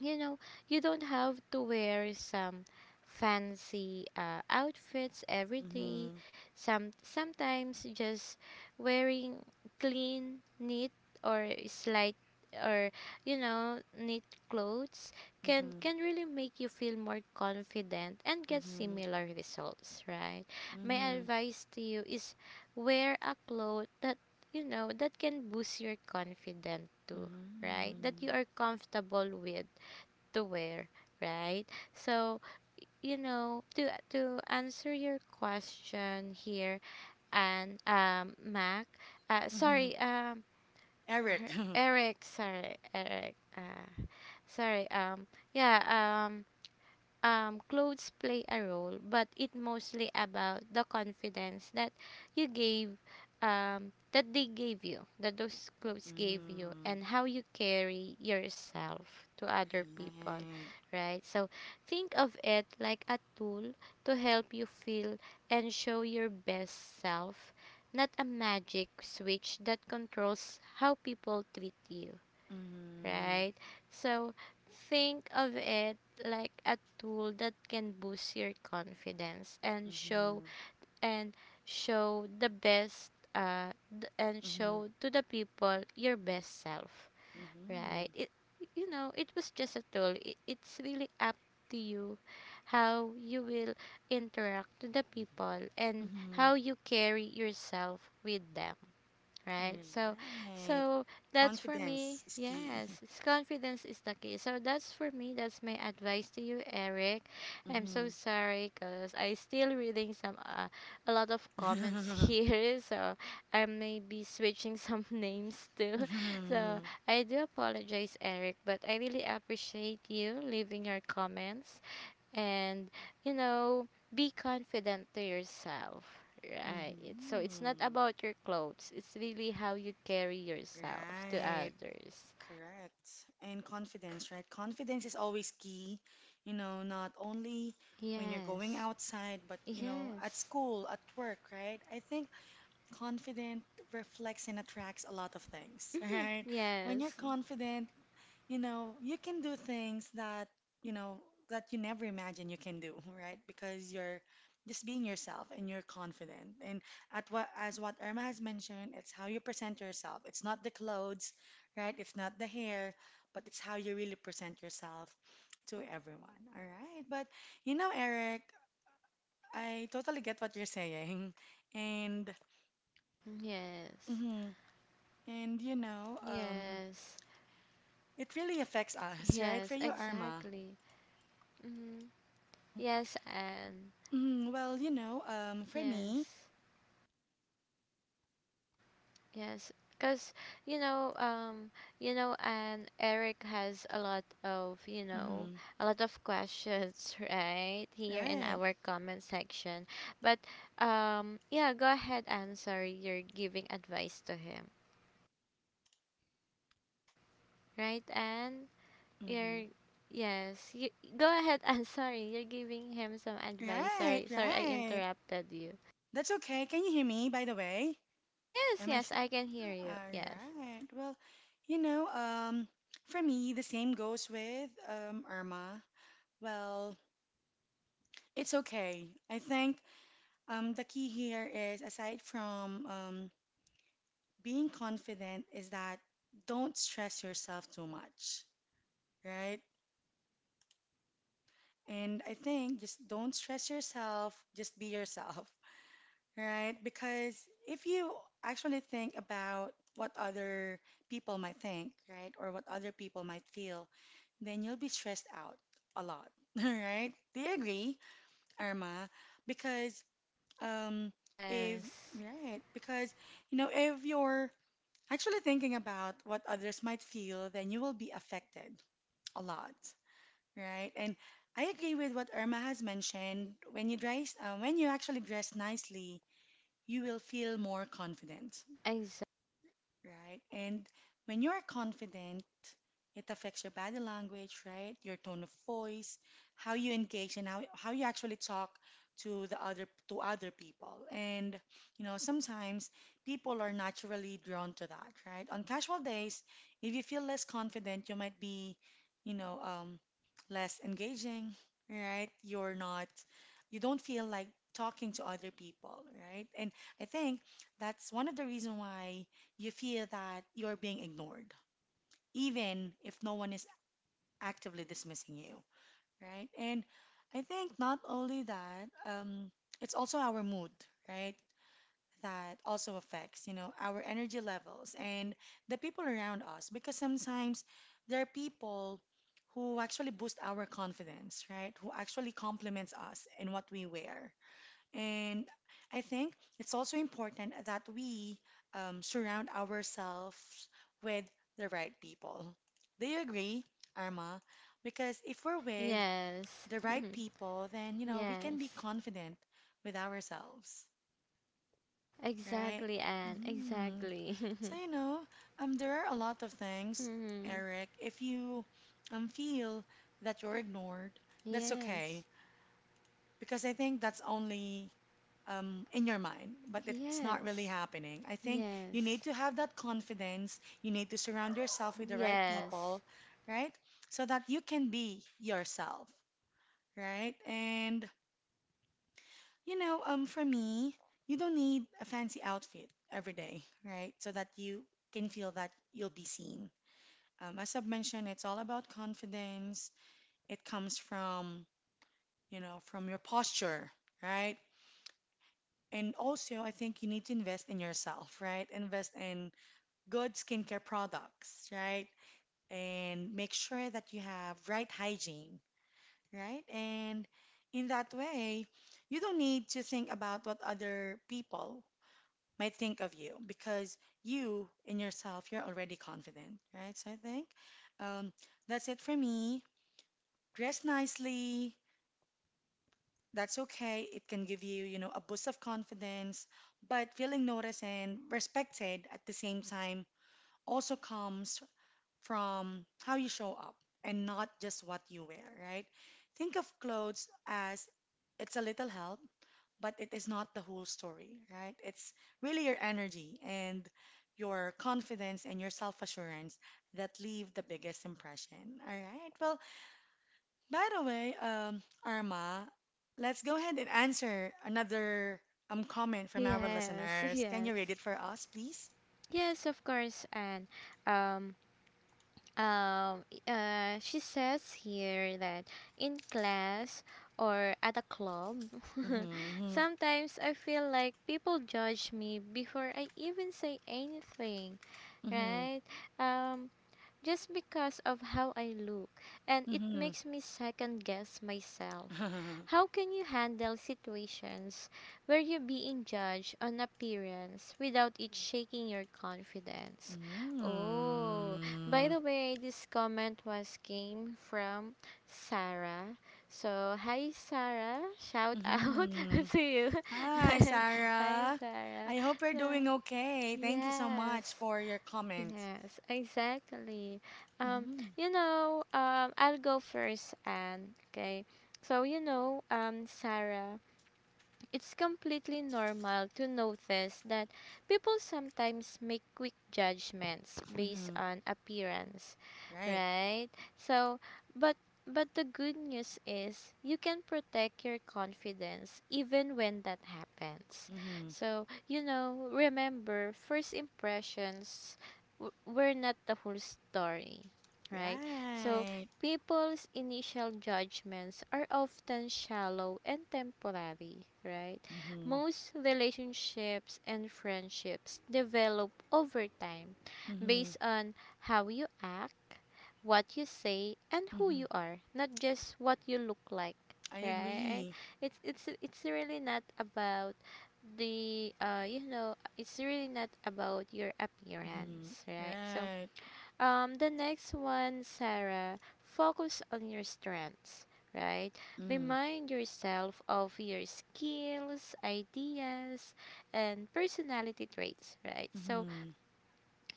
Speaker 2: you know, you don't have to wear some fancy outfits every day. Sometimes just wearing clean, neat, or slight, or neat clothes can really make you feel more confident and get
Speaker 1: Mhm.
Speaker 2: similar results, right? My
Speaker 1: Mhm.
Speaker 2: advice to you is wear a cloth that you know that can boost your confidence too,
Speaker 1: Mhm.
Speaker 2: right? That you
Speaker 1: Mhm.
Speaker 2: are comfortable with to wear, right? So, you know, to answer your question here and Mac,
Speaker 1: Mhm.
Speaker 2: sorry,
Speaker 1: Eric.
Speaker 2: Eric, sorry, Eric. Sorry, yeah, clothes play a role, but it mostly about the confidence that you gave, that they gave you, that those clothes gave you,
Speaker 1: Mm-hmm.
Speaker 2: and how you carry yourself to other people,
Speaker 1: Right.
Speaker 2: right? So think of it like a tool to help you feel and show your best self, not a magic switch that controls how people treat you,
Speaker 1: Mm-hmm.
Speaker 2: right? So think of it like a tool that can boost your confidence and show
Speaker 1: Mm-hmm.
Speaker 2: and show the best uh th- and
Speaker 1: Mm-hmm.
Speaker 2: show to the people your best self, right? It was just a tool. It's really up to you how you will interact to the people and
Speaker 1: Mm-hmm.
Speaker 2: how you carry yourself with them, right?
Speaker 1: Mm-hmm.
Speaker 2: So,
Speaker 1: Right.
Speaker 2: so that's for me.
Speaker 1: Confidence is key.
Speaker 2: Yes, it's confidence is the key. So that's for me. That's my advice to you, Eric. I'm so
Speaker 1: Mm-hmm.
Speaker 2: sorry because I still reading some a lot of comments here, so I may be switching some names too, so
Speaker 1: Mm-hmm.
Speaker 2: I do apologize, Eric, but I really appreciate you leaving your comments. And, you know, be confident to yourself, right? So it's not
Speaker 1: Mm-hmm.
Speaker 2: about your clothes. It's really how you carry yourself to
Speaker 1: Right.
Speaker 2: others.
Speaker 1: Correct. And confidence, right? Confidence is always key, you know, not only when you're going
Speaker 2: Yes.
Speaker 1: outside, but, you know, at
Speaker 2: Yes.
Speaker 1: school, at work, right? I think confident reflects and attracts a lot of things,
Speaker 2: Hmm,
Speaker 1: right? When you're
Speaker 2: yes.
Speaker 1: confident, you know, you can do things that, you know, that you never imagined you can do, right? Because you're just being yourself and you're confident. And at what as what Irma has mentioned, it's how you present yourself. It's not the clothes, right? It's not the hair, but it's how you really present yourself to everyone. All right. But you know, Eric, I totally get what you're saying. And
Speaker 2: Yes.
Speaker 1: mhm. And
Speaker 2: Yes,
Speaker 1: it really affects us, right? For
Speaker 2: yes,
Speaker 1: you, Irma.
Speaker 2: exactly. Hmm,
Speaker 1: Mm-hmm.
Speaker 2: yes. And
Speaker 1: Mm, well, you know, for me,
Speaker 2: yes. Yes, because, you know, and Eric has a lot of,
Speaker 1: mm-hmm.
Speaker 2: a lot of questions, right, here in
Speaker 1: Right.
Speaker 2: our comment section. But, yeah, go ahead, Anne. Sorry, you're giving advice to him, right, Anne?
Speaker 1: Mm-hmm.
Speaker 2: You're yes, you, go ahead, Anne. Sorry, you're giving him some advice.
Speaker 1: Right,
Speaker 2: Sorry, I
Speaker 1: right.
Speaker 2: interrupted you.
Speaker 1: That's okay. Can you hear me, by the way?
Speaker 2: Yes,
Speaker 1: Am I?
Speaker 2: yes,
Speaker 1: S-
Speaker 2: I can hear you.
Speaker 1: All
Speaker 2: Yes,
Speaker 1: right. Well, you know, for me, the same goes with Irma. Well, it's okay. I think the key here is aside from being confident is that don't stress yourself too much, right? And I think just don't stress yourself, just be yourself, right? Because if you actually think about what other people might think, right, or what other people might feel, then you'll be stressed out a lot, right? Do you agree, Irma? Because um, if,
Speaker 2: yes,
Speaker 1: right, because you know, if you're actually thinking about what others might feel, then you will be affected a lot, right? And I agree with what Irma has mentioned. When you dress, when you actually dress nicely, you will feel more confident,
Speaker 2: exactly.
Speaker 1: right? And when you're confident, it affects your body language, right? Your tone of voice, how you engage, and how you actually talk to the other to other people. And you know, sometimes people are naturally drawn to that, right? On casual days, if you feel less confident, you might be, you know, less engaging, right? You're not, you don't feel like talking to other people, right? And I think that's one of the reason why you feel that you're being ignored, even if no one is actively dismissing you, right? And I think not only that, it's also our mood, right? That also affects, you know, our energy levels and the people around us because sometimes there are people who actually boost our confidence, right? Who actually compliments us in what we wear, and I think it's also important that we surround ourselves with the right people. Do you agree, Arma? Because if we're with
Speaker 2: Yes.
Speaker 1: the right people, then, you know, we can be
Speaker 2: Yes,
Speaker 1: confident with ourselves, right?
Speaker 2: exactly, Anne,
Speaker 1: Hmm.
Speaker 2: exactly.
Speaker 1: So, you know, there are a lot of things,
Speaker 2: Mhm.
Speaker 1: Eric. If you feel that you're ignored, that's
Speaker 2: Yes,
Speaker 1: okay because I think that's only in your mind, but it's not really
Speaker 2: yes,
Speaker 1: happening. I think you need
Speaker 2: yes,
Speaker 1: to have that confidence. You need to surround yourself with the right
Speaker 2: yes,
Speaker 1: people, right? So that you can be yourself, right? And for me, you don't need a fancy outfit every day, right? So that you can feel that you'll be seen. As I've mentioned, it's all about confidence. It comes from, from your posture, right? And also, I think you need to invest in yourself, right? Invest in good skincare products, right? And make sure that you have right hygiene, right? And in that way, you don't need to think about what other people might think of you because you in yourself, you're already confident, right? So I think um, that's it for me. Dress nicely, that's okay. It can give you, a boost of confidence, but feeling noticed and respected at the same time also comes from how you show up and not just what you wear, right? Think of clothes as it's a little help, but it is not the whole story, right? It's really your energy and your confidence and your self assurance that leave the biggest impression. All right. Well, by the way, Arma, let's go ahead and answer another comment from our
Speaker 2: yes,
Speaker 1: listeners. Can
Speaker 2: yes,
Speaker 1: you read it for us, please?
Speaker 2: yes, of course, Anne. Um, um, she says here that in class or at a club,
Speaker 1: Mm-hmm,
Speaker 2: sometimes I feel like people judge me before I even say anything,
Speaker 1: mm-hmm,
Speaker 2: right? Um, just because of how I look, and it
Speaker 1: mm-hmm.
Speaker 2: makes me second guess myself.
Speaker 1: Mm-hmm.
Speaker 2: How can you handle situations where you're being judged on appearance without it shaking your confidence? Oh, by the way, this comment was came from Sarah. So, hi, Sarah, shout out
Speaker 1: Mm-hmm.
Speaker 2: to you.
Speaker 1: Hi,
Speaker 2: Hi,
Speaker 1: Sarah.
Speaker 2: Sarah.
Speaker 1: I hope you're doing
Speaker 2: So,
Speaker 1: okay. Thank you so much
Speaker 2: yes.
Speaker 1: for your comment.
Speaker 2: Yes, exactly. Um,
Speaker 1: Mm-hmm,
Speaker 2: I'll go first, and okay. So, Sarah. It's completely normal to notice that people sometimes make quick judgments based
Speaker 1: mm-hmm.
Speaker 2: on appearance,
Speaker 1: Right.
Speaker 2: right? So, but but the good news is you can protect your confidence even when that happens.
Speaker 1: Mm-hmm.
Speaker 2: So, you know, remember first impressions were not the whole story, right? So,
Speaker 1: Right.
Speaker 2: people's initial judgments are often shallow and temporary, right?
Speaker 1: Mm-hmm,
Speaker 2: Most relationships and friendships develop over time
Speaker 1: mm-hmm,
Speaker 2: based on how you act, what you say, and who
Speaker 1: mm-hmm.
Speaker 2: you are, not just what you look like,
Speaker 1: I
Speaker 2: right?
Speaker 1: agree.
Speaker 2: It's really not about the, it's really not about your
Speaker 1: Mhm.
Speaker 2: appearance, right? So,
Speaker 1: Right.
Speaker 2: the next one, Sarah, focus on your strengths, right?
Speaker 1: Mm.
Speaker 2: Remind yourself of your skills, ideas, and personality traits, right? So,
Speaker 1: Mhm.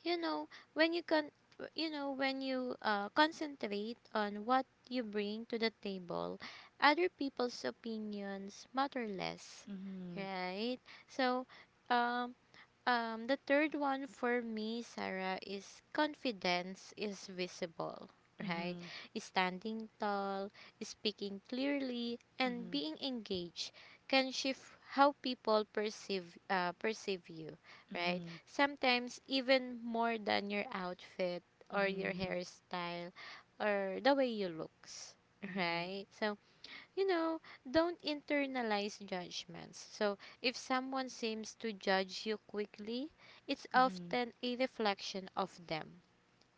Speaker 2: you know, when you can, when you concentrate on what you bring to the table, other people's opinions matter less,
Speaker 1: Mhm.
Speaker 2: right? So, um, the third one for me, Sarah, is confidence is visible, right?
Speaker 1: Mhm.
Speaker 2: Standing tall, speaking clearly, and
Speaker 1: Mhm.
Speaker 2: being engaged can shift how people perceive you, right?
Speaker 1: Mhm.
Speaker 2: Sometimes even more than your outfit or your
Speaker 1: Mhm.
Speaker 2: hairstyle or the way you looks,
Speaker 1: Mhm.
Speaker 2: right? So, you know, don't internalize judgments. So, if someone seems to judge you quickly, it's
Speaker 1: Mhm.
Speaker 2: often a reflection of them,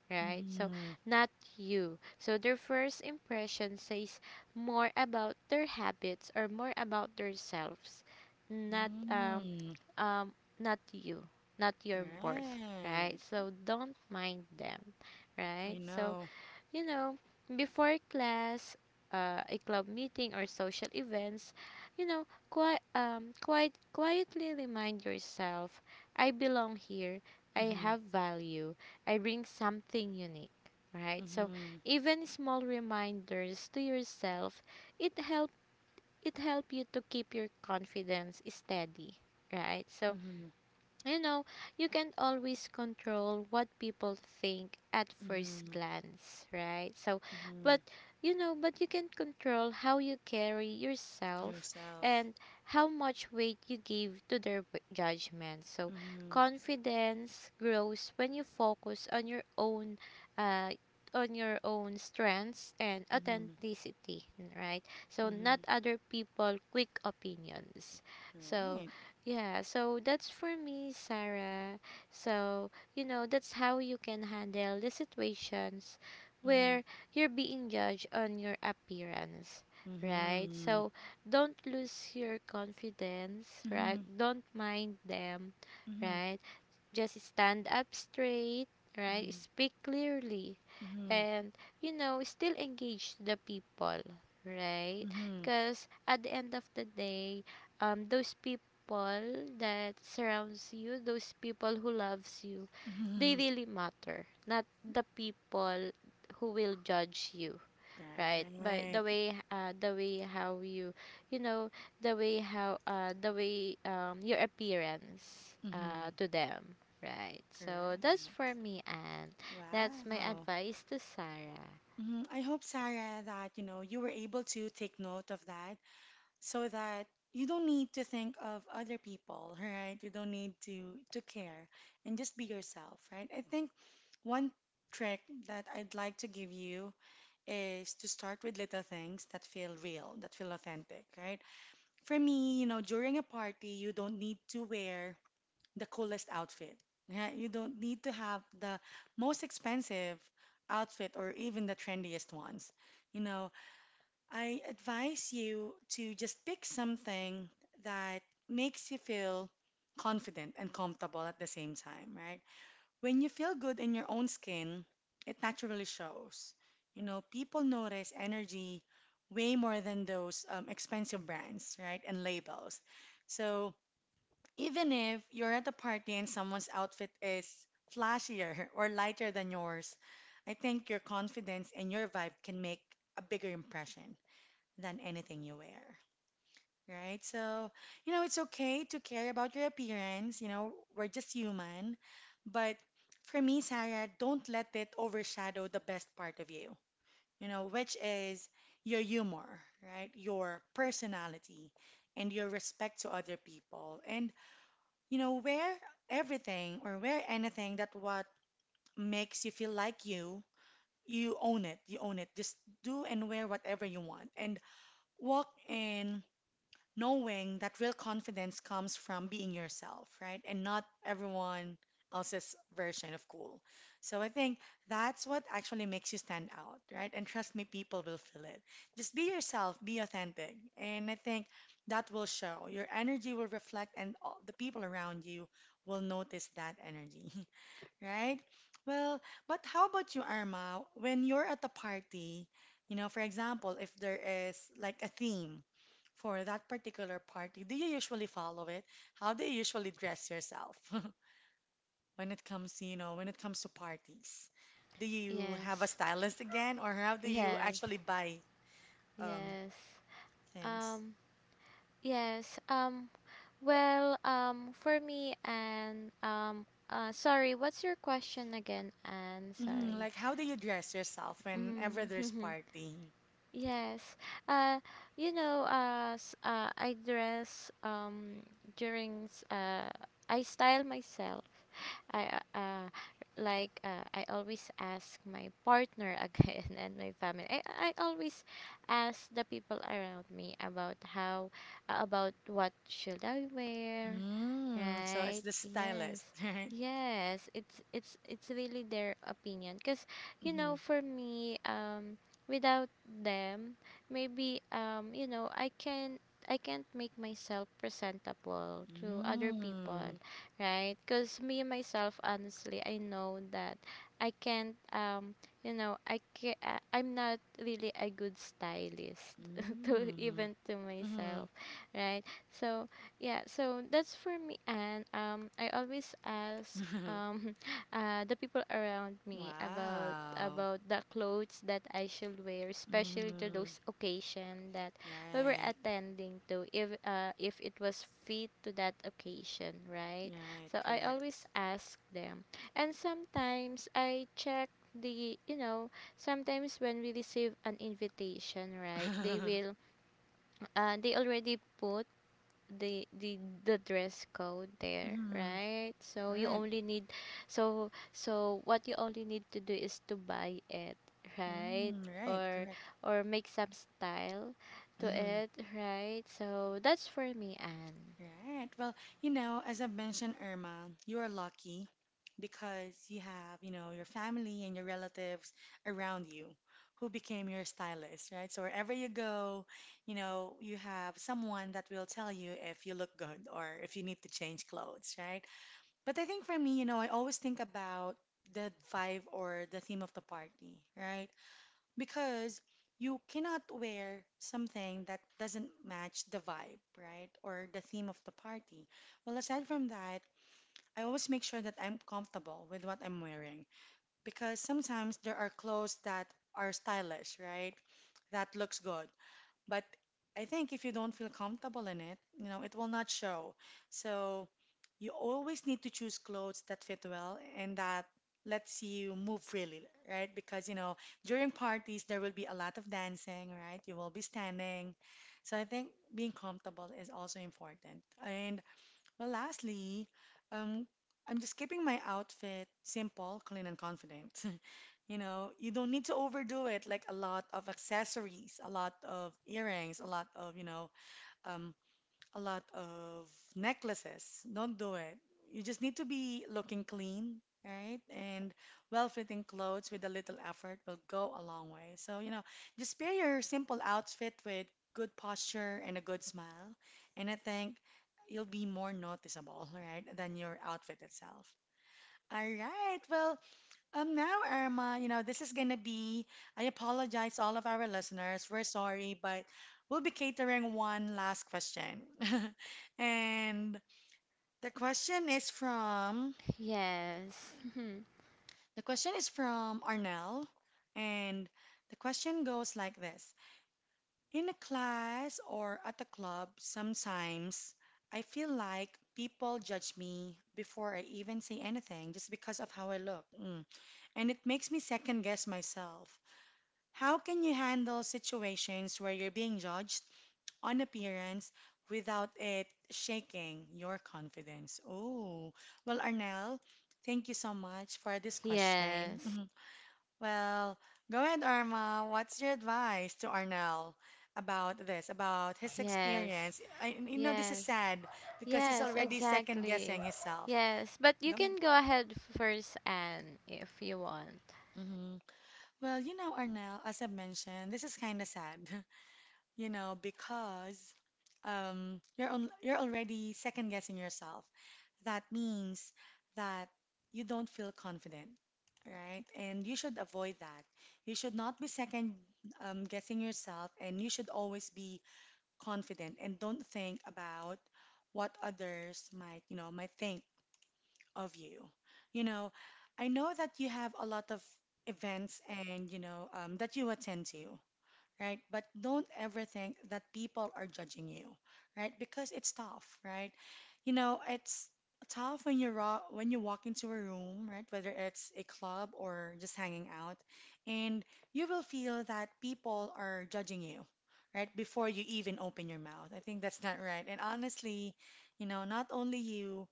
Speaker 2: right? So,
Speaker 1: Mhm.
Speaker 2: not you. So, their first impression says more about their habits or more about themselves, not um
Speaker 1: Mm.
Speaker 2: um not you, not your worth,
Speaker 1: Right.
Speaker 2: right? So, don't mind them,
Speaker 1: I
Speaker 2: right? So,
Speaker 1: know.
Speaker 2: you know, before class, a club meeting or social events, you know, quite quietly remind yourself, I belong here. I
Speaker 1: Mhm.
Speaker 2: have value. I bring something unique, right? So
Speaker 1: Mhm.
Speaker 2: even small reminders to yourself, it help it help you to keep your confidence steady, right? So,
Speaker 1: Mhm.
Speaker 2: you know, you can't always control what people think at first
Speaker 1: Mhm.
Speaker 2: glance, right? So,
Speaker 1: Mhm.
Speaker 2: but you know, but you can control how you carry yourself
Speaker 1: Yourself.
Speaker 2: and how much weight you give to their judgment. So,
Speaker 1: Mhm.
Speaker 2: confidence grows when you focus uh on your own strengths and
Speaker 1: Mhm.
Speaker 2: authenticity, right? So, not
Speaker 1: Mhm.
Speaker 2: other people quick opinions. So,
Speaker 1: Right.
Speaker 2: yeah, so that's for me, Sarah. So, you know, that's how you can handle the situations
Speaker 1: Mhm.
Speaker 2: where you're being judged on your appearance, right?
Speaker 1: Mhm.
Speaker 2: So, don't lose your confidence, right?
Speaker 1: Mhm.
Speaker 2: Don't mind them,
Speaker 1: Mhm.
Speaker 2: right? Just stand up straight, right?
Speaker 1: Mhm.
Speaker 2: Speak clearly
Speaker 1: Mhm.
Speaker 2: and, you know, still engage the people, right?
Speaker 1: Mhm.
Speaker 2: Because at the end of the day, those people that surrounds you, those people who loves you, they
Speaker 1: Mhm.
Speaker 2: really matter, not the people who will judge you, right? But
Speaker 1: Right.
Speaker 2: the way how you you know the way how the way your appearance
Speaker 1: Mhm.
Speaker 2: to them, right? So that's for
Speaker 1: Correct.
Speaker 2: me, and that's my
Speaker 1: Wow.
Speaker 2: advice to Sarah.
Speaker 1: Mhm. I hope, Sarah, that you know you were able to take note of that so that you don't need to think of other people, right? You don't need to care and just be yourself, right? I think one trick that I'd like to give you is to start with little things that feel real, that feel authentic, right? For me, during a party, you don't need to wear the coolest outfit. Yeah, you don't need to have the most expensive outfit or even the trendiest ones. You know, I advise you to just pick something that makes you feel confident and comfortable at the same time, right? When you feel good in your own skin, it naturally shows. You know, people notice energy way more than those expensive brands, right? And labels. So, even if you're at a party and someone's outfit is flashier or lighter than yours, I think your confidence and your vibe can make a bigger impression than anything you wear, right? So, you know, it's okay to care about your appearance, you know, we're just human. But for me, Sarah, don't let it overshadow the best part of you, you know, which is your humor, right? Your personality and your respect to other people. And you know, wear everything or wear anything that what makes you feel like you own it, you own it. Just do and wear whatever you want and walk in knowing that real confidence comes from being yourself, right? And not everyone else's version of cool. So I think that's what actually makes you stand out, right? And trust me, people will feel it. Just be yourself, be authentic. And I think that will show. Your energy will reflect, and all the people around you will notice that energy. Right? Well, but how about you, Arma? When you're at a party, you know, for example, if there is like a theme for that particular party, do you usually follow it? How do you usually dress yourself when it comes to, you know, when it comes to parties? Do you have a
Speaker 2: Yes,
Speaker 1: stylist again, or how do you
Speaker 2: yes,
Speaker 1: actually buy um
Speaker 2: yes.
Speaker 1: things?
Speaker 2: um yes. Well, for me, and, sorry, what's your question again, and
Speaker 1: Hmm.
Speaker 2: sorry?
Speaker 1: Like, how do you dress yourself whenever there's
Speaker 2: Mm.
Speaker 1: party?
Speaker 2: Yes. Uh, you know, I dress during s- uh I style myself. I uh, uh, I always ask my partner again and my family. I always ask the people around me about how about what should I wear,
Speaker 1: Mm, so it's
Speaker 2: right?
Speaker 1: the stylist,
Speaker 2: Yes.
Speaker 1: right?
Speaker 2: Yes, it's really their opinion because, you
Speaker 1: Mm-hmm.
Speaker 2: know, for me, without them, maybe, I can't make myself presentable to other
Speaker 1: Mm.
Speaker 2: people, right? Because me myself, honestly, I know that I can't. You know, I'm not really a good stylist to
Speaker 1: Mm.
Speaker 2: even to myself, right? So yeah, so that's for me, and I always ask
Speaker 1: Mm-hmm.
Speaker 2: the people around me about
Speaker 1: Wow.
Speaker 2: about the clothes that I should wear, especially to
Speaker 1: Mm-hmm.
Speaker 2: those occasion that we were
Speaker 1: Right.
Speaker 2: attending to, if it was fit to that occasion, right?
Speaker 1: Right.
Speaker 2: So I always
Speaker 1: Correct.
Speaker 2: ask them. And sometimes I check the. Sometimes when we receive an invitation, right, they will they already put the the dress code there,
Speaker 1: Mm-hmm.
Speaker 2: right, so you
Speaker 1: Right.
Speaker 2: only need, so what you only need to do is to buy it, right,
Speaker 1: Mm, right.
Speaker 2: or
Speaker 1: Correct.
Speaker 2: or make some style to
Speaker 1: Mm-hmm.
Speaker 2: it, right, so that's for me. And
Speaker 1: Right. Well, you know, as I mentioned, Irma, you are lucky because you have, you know, your family and your relatives around you who became your stylist, right? So wherever you go, you know, you have someone that will tell you if you look good or if you need to change clothes, right? But I think for me, you know, I always think about the vibe or the theme of the party, right? Because you cannot wear something that doesn't match the vibe, right? Or the theme of the party. Well, aside from that, I always make sure that I'm comfortable with what I'm wearing because sometimes there are clothes that are stylish, right? That looks good. But I think if you don't feel comfortable in it, you know, it will not show. So you always need to choose clothes that fit well and that lets you move freely, right? Because, you know, during parties, there will be a lot of dancing, right? You will be standing. So I think being comfortable is also important. And well, lastly, um, I'm just keeping my outfit simple, clean, and confident. You know, you don't need to overdo it, like a lot of accessories, a lot of earrings, a lot of, um, a lot of necklaces. Don't do it. You just need to be looking clean, right? And well-fitting clothes with a little effort will go a long way. So, you know, just pair your simple outfit with good posture and a good smile, and I think you'll be more noticeable, right, than your outfit itself. All right. Well, now, Irma, you know, this is gonna be, I apologize all of our listeners. We're sorry, but we'll be catering one last question. And the question is from,
Speaker 2: yes,
Speaker 1: the question is from Arnell. And the question goes like this. In a class or at a club, sometimes I feel like people judge me before I even say anything just because of how I look. Mm. And it makes me second guess myself. How can you handle situations where you're being judged on appearance without it shaking your confidence? Oh, well, Arnel, thank you so much for this question.
Speaker 2: yes.
Speaker 1: Mhm. Well, go ahead, Arma. What's your advice to Arnel about this, about his
Speaker 2: Yes,
Speaker 1: experience? I, you know, this is
Speaker 2: yes,
Speaker 1: sad because he's
Speaker 2: yes,
Speaker 1: already second
Speaker 2: exactly.
Speaker 1: guessing himself.
Speaker 2: Yes, but you
Speaker 1: Go
Speaker 2: can
Speaker 1: ahead.
Speaker 2: go ahead first, Anne, if you want.
Speaker 1: Hmm. Well, you know, Arnel, as I mentioned, this is kind of sad you know, because you're on, you're already second guessing yourself. That means that you don't feel confident, right? And you should avoid that. You should not be second guessing yourself, and you should always be confident and don't think about what others might, you know, might think of you. You know, I know that you have a lot of events and, that you attend to right? But don't ever think that people are judging you, right? Because it's tough, right? You know, it's tough when you're raw, when you walk into a room, right? Whether it's a club or just hanging out, and you will feel that people are judging you, right? Before you even open your mouth. I think that's not right. And honestly, you know, not only you,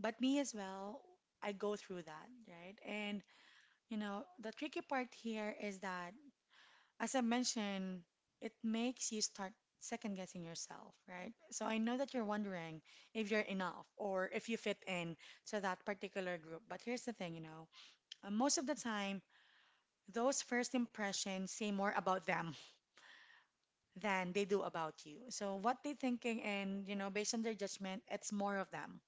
Speaker 1: but me as well, I go through that, right? And you know, the tricky part here is that as I mentioned, it makes you start second guessing yourself, right? So I know that you're wondering if you're enough or if you fit in to that particular group. But here's the thing, you know, most of the time, those first impressions say more about them than they do about you. So what they're thinking and, you know, based on their judgment, it's more of them.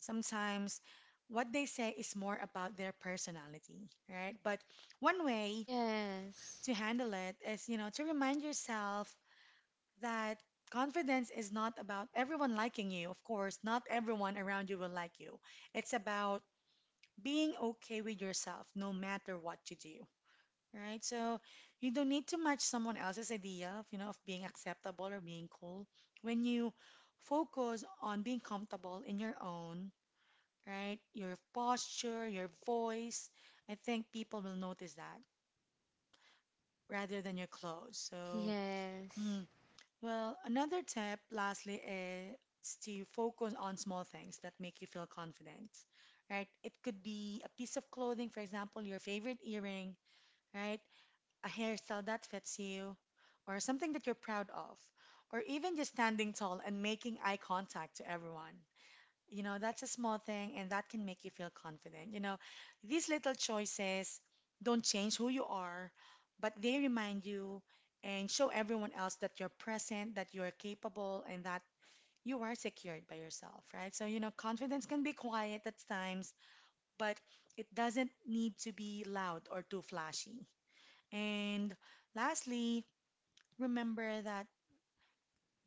Speaker 1: Sometimes what they say is more about their personality, right? But one way
Speaker 2: Yes,
Speaker 1: to handle it is, you know, to remind yourself that confidence is not about everyone liking you. Of course, not everyone around you will like you. It's about being okay with yourself no matter what you do, right? So you don't need to match someone else's idea of, you know, of being acceptable or being cool. When you focus on being comfortable in your own, right? Your posture, your voice, I think people will notice that rather than your clothes. So,
Speaker 2: yes,
Speaker 1: mm, well, another tip, lastly, is to focus on small things that make you feel confident, right? It could be a piece of clothing, for example, your favorite earring, right? A hairstyle that fits you, or something that you're proud of, or even just standing tall and making eye contact to everyone. You know, that's a small thing and that can make you feel confident. You know, these little choices don't change who you are, but they remind you and show everyone else that you're present, that you're capable, and that you are secured by yourself, right? So, you know, confidence can be quiet at times, but it doesn't need to be loud or too flashy. And lastly, remember that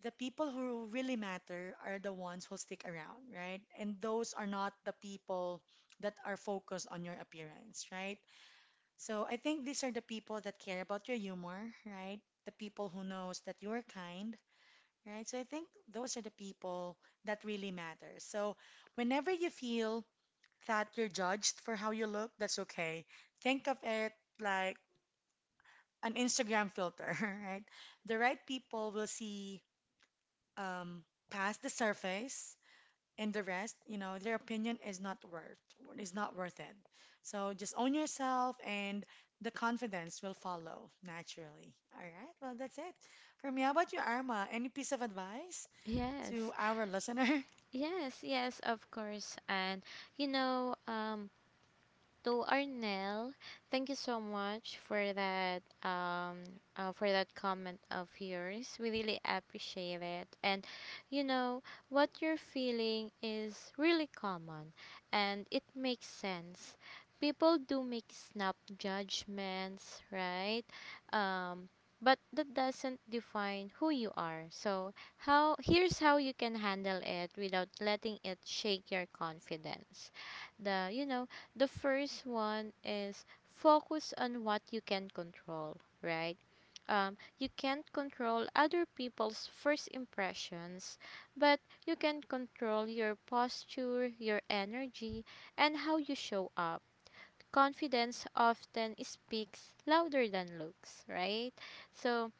Speaker 1: the people who really matter are the ones who stick around, right? And those are not the people that are focused on your appearance, right? So I think these are the people that care about your humor, right? The people who knows that you are kind, right? So I think those are the people that really matter. So whenever you feel that you're judged for how you look, that's okay. Think of it like an Instagram filter, right? The right people will see um, past the surface and the rest, you know, their opinion is not worth it. So just own yourself and the confidence will follow naturally. All right. Well, that's it. For me, how about you, Arma? Any piece of advice to
Speaker 2: yes,
Speaker 1: our listener?
Speaker 2: yes, yes, of course. And you know, to Arnel. Thank you so much for that comment of yours. We really appreciate it. And you know, what you're feeling is really common and it makes sense. People do make snap judgments, right? Um but that doesn't define who you are. So, how here's how you can handle it without letting it shake your confidence the you know The first one is focus on what you can control, right? You can't control other people's first impressions, but you can control your posture, your energy, and how you show up. Confidence often speaks louder than looks, right? So,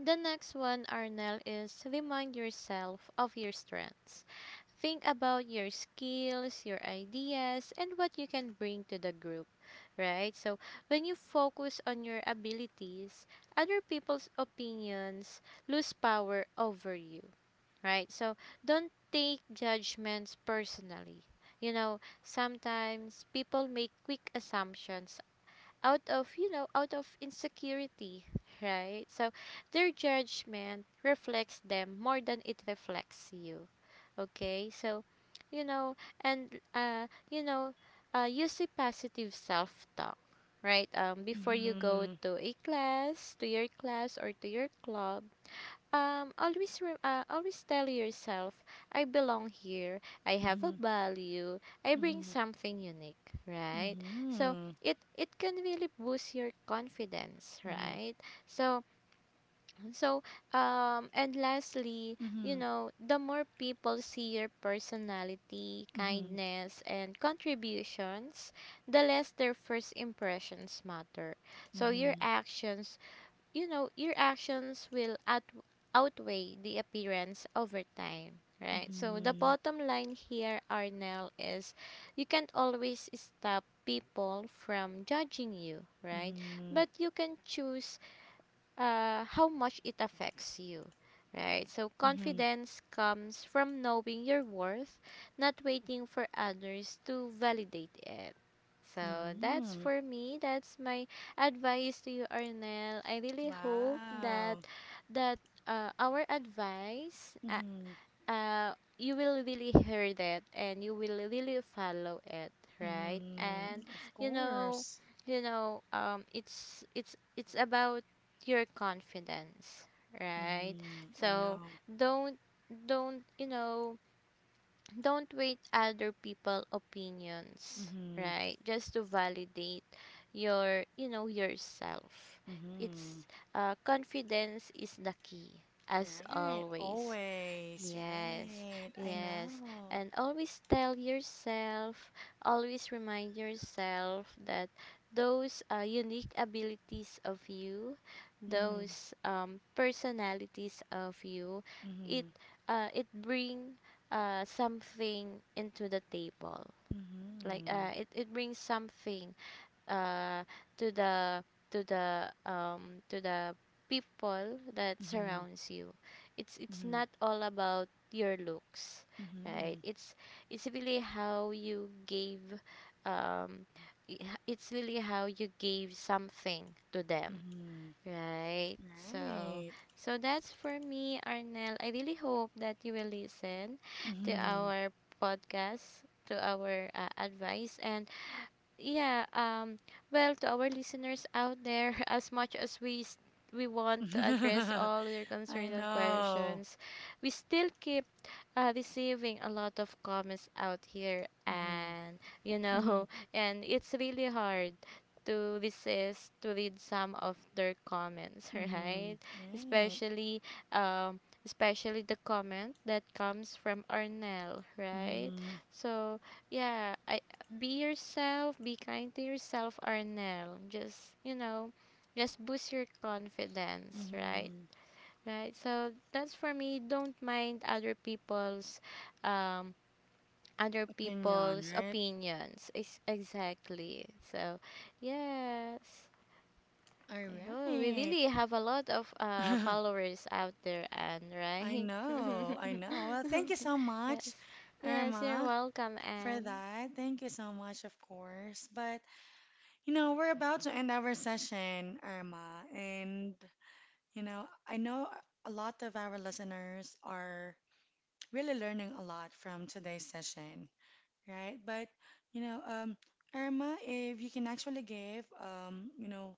Speaker 2: the next one, Arnel, is remind yourself of your strengths. Think about your skills, your ideas, and what you can bring to the group, right? So, when you focus on your abilities, other people's opinions lose power over you, right? So, don't take judgments personally. You know, sometimes people make quick assumptions out of insecurity, right? So, their judgment reflects them more than it reflects you. Okay, so you know, and uh, you know, use a positive self-talk, right? Before you go
Speaker 1: Mm-hmm.
Speaker 2: to a class, to your class or to your club, always tell yourself, I belong here. I have a
Speaker 1: Mm-hmm.
Speaker 2: value. I bring
Speaker 1: Mm-hmm.
Speaker 2: something unique, right? So
Speaker 1: Mm-hmm.
Speaker 2: it can really boost your confidence, right? So so, and lastly, you
Speaker 1: Mm-hmm.
Speaker 2: know, the more people see your personality,
Speaker 1: Mm-hmm.
Speaker 2: kindness, and contributions, the less their first impressions matter. So your
Speaker 1: Mm-hmm.
Speaker 2: actions, you know, your actions will outweigh the appearance over time, right? So the
Speaker 1: Mm-hmm.
Speaker 2: bottom line here, Arnell, is you can't always stop people from judging you,
Speaker 1: Mm-hmm.
Speaker 2: right?
Speaker 1: Mm-hmm.
Speaker 2: But you can choose how much it affects you, right? So,
Speaker 1: Mm-hmm.
Speaker 2: confidence comes from knowing your worth, not waiting for others to validate it. So, that's
Speaker 1: Mm-hmm.
Speaker 2: for me. That's my advice to you, Arnel. I really hope that
Speaker 1: Wow.
Speaker 2: that our advice, uh,
Speaker 1: Mm-hmm.
Speaker 2: uh, you will really hear that and you will really follow it, right. And
Speaker 1: Mm-hmm. Of
Speaker 2: you know
Speaker 1: course.
Speaker 2: you know, it's about your confidence, right.
Speaker 1: Hmm, I
Speaker 2: So
Speaker 1: know.
Speaker 2: don't, don't, don't wait other people opinions,
Speaker 1: Mm-hmm.
Speaker 2: right, just to validate your, you know, yourself.
Speaker 1: Mm-hmm.
Speaker 2: It's confidence is the key, as
Speaker 1: Right.
Speaker 2: always.
Speaker 1: Always.
Speaker 2: Yes,
Speaker 1: Right. I
Speaker 2: yes.
Speaker 1: know.
Speaker 2: And always tell yourself, always remind yourself that those unique abilities of you,
Speaker 1: Mm-hmm.
Speaker 2: those personalities of you, it
Speaker 1: Mm-hmm.
Speaker 2: it bring something into the table. Like
Speaker 1: Mm-hmm.
Speaker 2: it brings something uh, to the to the people that
Speaker 1: Mm-hmm.
Speaker 2: surrounds you. It's
Speaker 1: Mm-hmm.
Speaker 2: not all about your looks, right? It's really how you gave um, it's really how you gave something to them,
Speaker 1: Mm-hmm.
Speaker 2: right?
Speaker 1: Mm-hmm.
Speaker 2: So
Speaker 1: Right.
Speaker 2: so that's for me, Arnel. I really hope that you will listen to our podcast, to our advice. And yeah, well, to our listeners out there, as much as we we want to address
Speaker 1: Mm-hmm.
Speaker 2: all your
Speaker 1: I
Speaker 2: concerns and
Speaker 1: know.
Speaker 2: questions, we still keep receiving a lot of comments out here,
Speaker 1: Mm-hmm.
Speaker 2: and you
Speaker 1: Mm-hmm.
Speaker 2: know, and it's really hard to resist to read some of their comments,
Speaker 1: Mm-hmm.
Speaker 2: right,
Speaker 1: Right.
Speaker 2: especially um especially the comment that comes from Arnell, right.
Speaker 1: Mm-hmm.
Speaker 2: So yeah, I, be yourself, be kind to yourself, Arnel. Just, you know, just boost your confidence, right?
Speaker 1: Mm-hmm.
Speaker 2: Right. So that's for me. Don't mind other people's um other
Speaker 1: Opinion,
Speaker 2: people's opinions. Exactly. So, yes.
Speaker 1: right? All
Speaker 2: Oh, we
Speaker 1: right.
Speaker 2: really have a lot of followers out there, Anne,
Speaker 1: I
Speaker 2: right?
Speaker 1: know, I know. Well, thank you so much,
Speaker 2: Yes. Yes, you're
Speaker 1: Irma,
Speaker 2: welcome,
Speaker 1: for
Speaker 2: Anne.
Speaker 1: that. Thank you so much, of course. But, you know, we're about to end our session, Irma. And, you know, I know a lot of our listeners are really learning a lot from today's session, right? But, you know, Irma, if you can actually give, you know,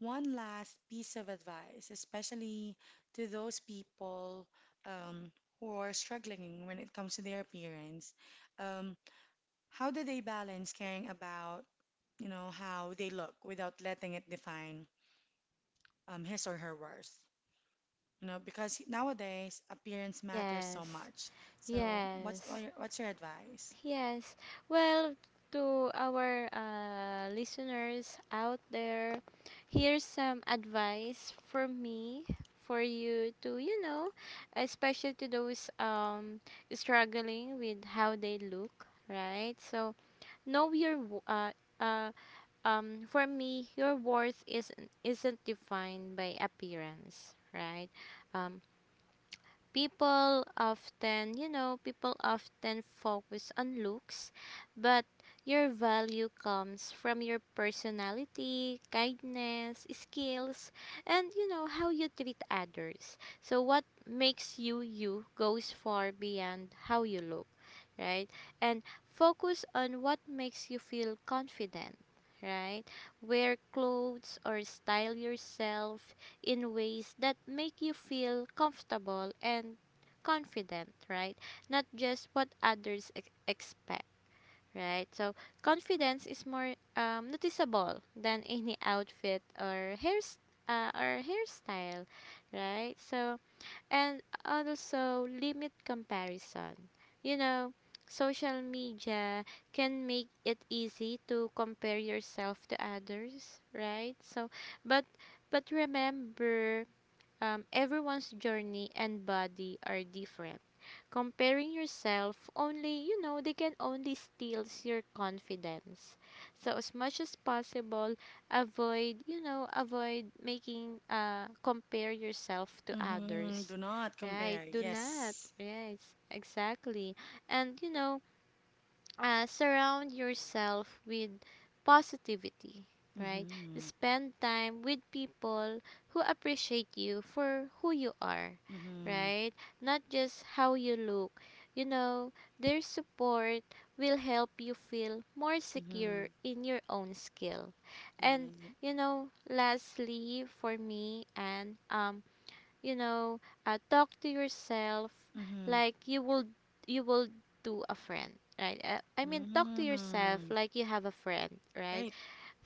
Speaker 1: one last piece of advice, especially to those people, um, who are struggling when it comes to their appearance. Um, how do they balance caring about, you know, how they look without letting it define, his or her worth? You know, because nowadays appearance matters so
Speaker 2: Yes.
Speaker 1: much. So,
Speaker 2: Yes.
Speaker 1: what's your advice?
Speaker 2: Yes. Well, to our listeners out there, here's some advice for me, for you to, you know, especially to those struggling with how they look, right? So know your wo- uh, uh, for me, your worth isn't defined by appearance, right? Um, People often, you know, people often focus on looks, but your value comes from your personality, kindness, skills, and you know how you treat others. So what makes you you goes far beyond how you look, right? And focus on what makes you feel confident, right? Wear clothes or style yourself in ways that make you feel comfortable and confident, right? Not just what others expect, right? So, confidence is more noticeable than any outfit or hair or hairstyle, right? So, and also limit comparison. You know, social media can make it easy to compare yourself to others, right? So, but but remember, everyone's journey and body are different. Comparing yourself only, you know, they can only steals your confidence. So as much as possible, avoid, you know, avoid making compare yourself to
Speaker 1: Mm-hmm.
Speaker 2: others.
Speaker 1: Do not
Speaker 2: Right?
Speaker 1: compare.
Speaker 2: Do not.
Speaker 1: Yes.
Speaker 2: Yes, exactly. And you know, surround yourself with positivity, right?
Speaker 1: Mm-hmm.
Speaker 2: Spend time with people who appreciate you for who you are,
Speaker 1: Mm-hmm.
Speaker 2: right? Not just how you look. You know, their support will help you feel more
Speaker 1: Mm-hmm.
Speaker 2: secure in your own skill. And
Speaker 1: Yeah.
Speaker 2: you know, lastly for me. And you know, talk to yourself
Speaker 1: Mm-hmm.
Speaker 2: like you will do a friend, right? I mean, talk to yourself
Speaker 1: Mm,
Speaker 2: like you have a friend, right?
Speaker 1: right.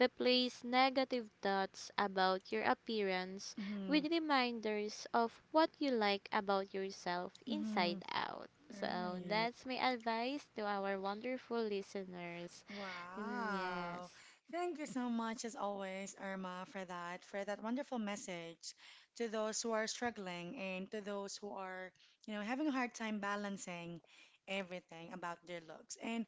Speaker 2: Replace negative thoughts about your appearance
Speaker 1: Mm-hmm.
Speaker 2: with reminders of what you like about yourself
Speaker 1: Mm-hmm.
Speaker 2: inside out. So
Speaker 1: Right.
Speaker 2: that's my advice to our wonderful listeners. Mm,
Speaker 1: Wow.
Speaker 2: yes.
Speaker 1: Thank you so much, as always, Irma, for that wonderful message to those who are struggling and to those who are, you know, having a hard time balancing everything about their looks. And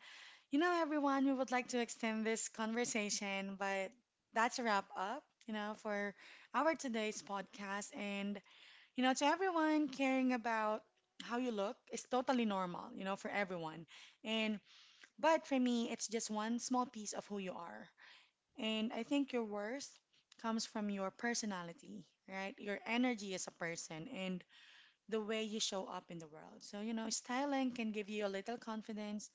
Speaker 1: you know, everyone, we would like to extend this conversation, but that's a wrap up, you know, for our today's podcast. And you know, to everyone, caring about how you look is totally normal, you know, for everyone. And but for me, it's just one small piece of who you are. And I think your worth comes from your personality, right? Your energy as a person and the way you show up in the world. So, you know, styling can give you a little confidence.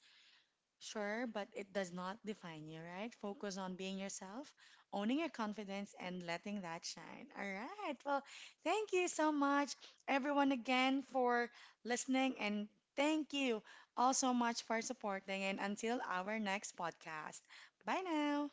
Speaker 1: Sure, but it does not define you, right? Focus on being yourself, owning your confidence, and letting that shine. All right. Well, thank you so much, everyone, again for listening. And thank you all so much for supporting. And until our next podcast, bye now.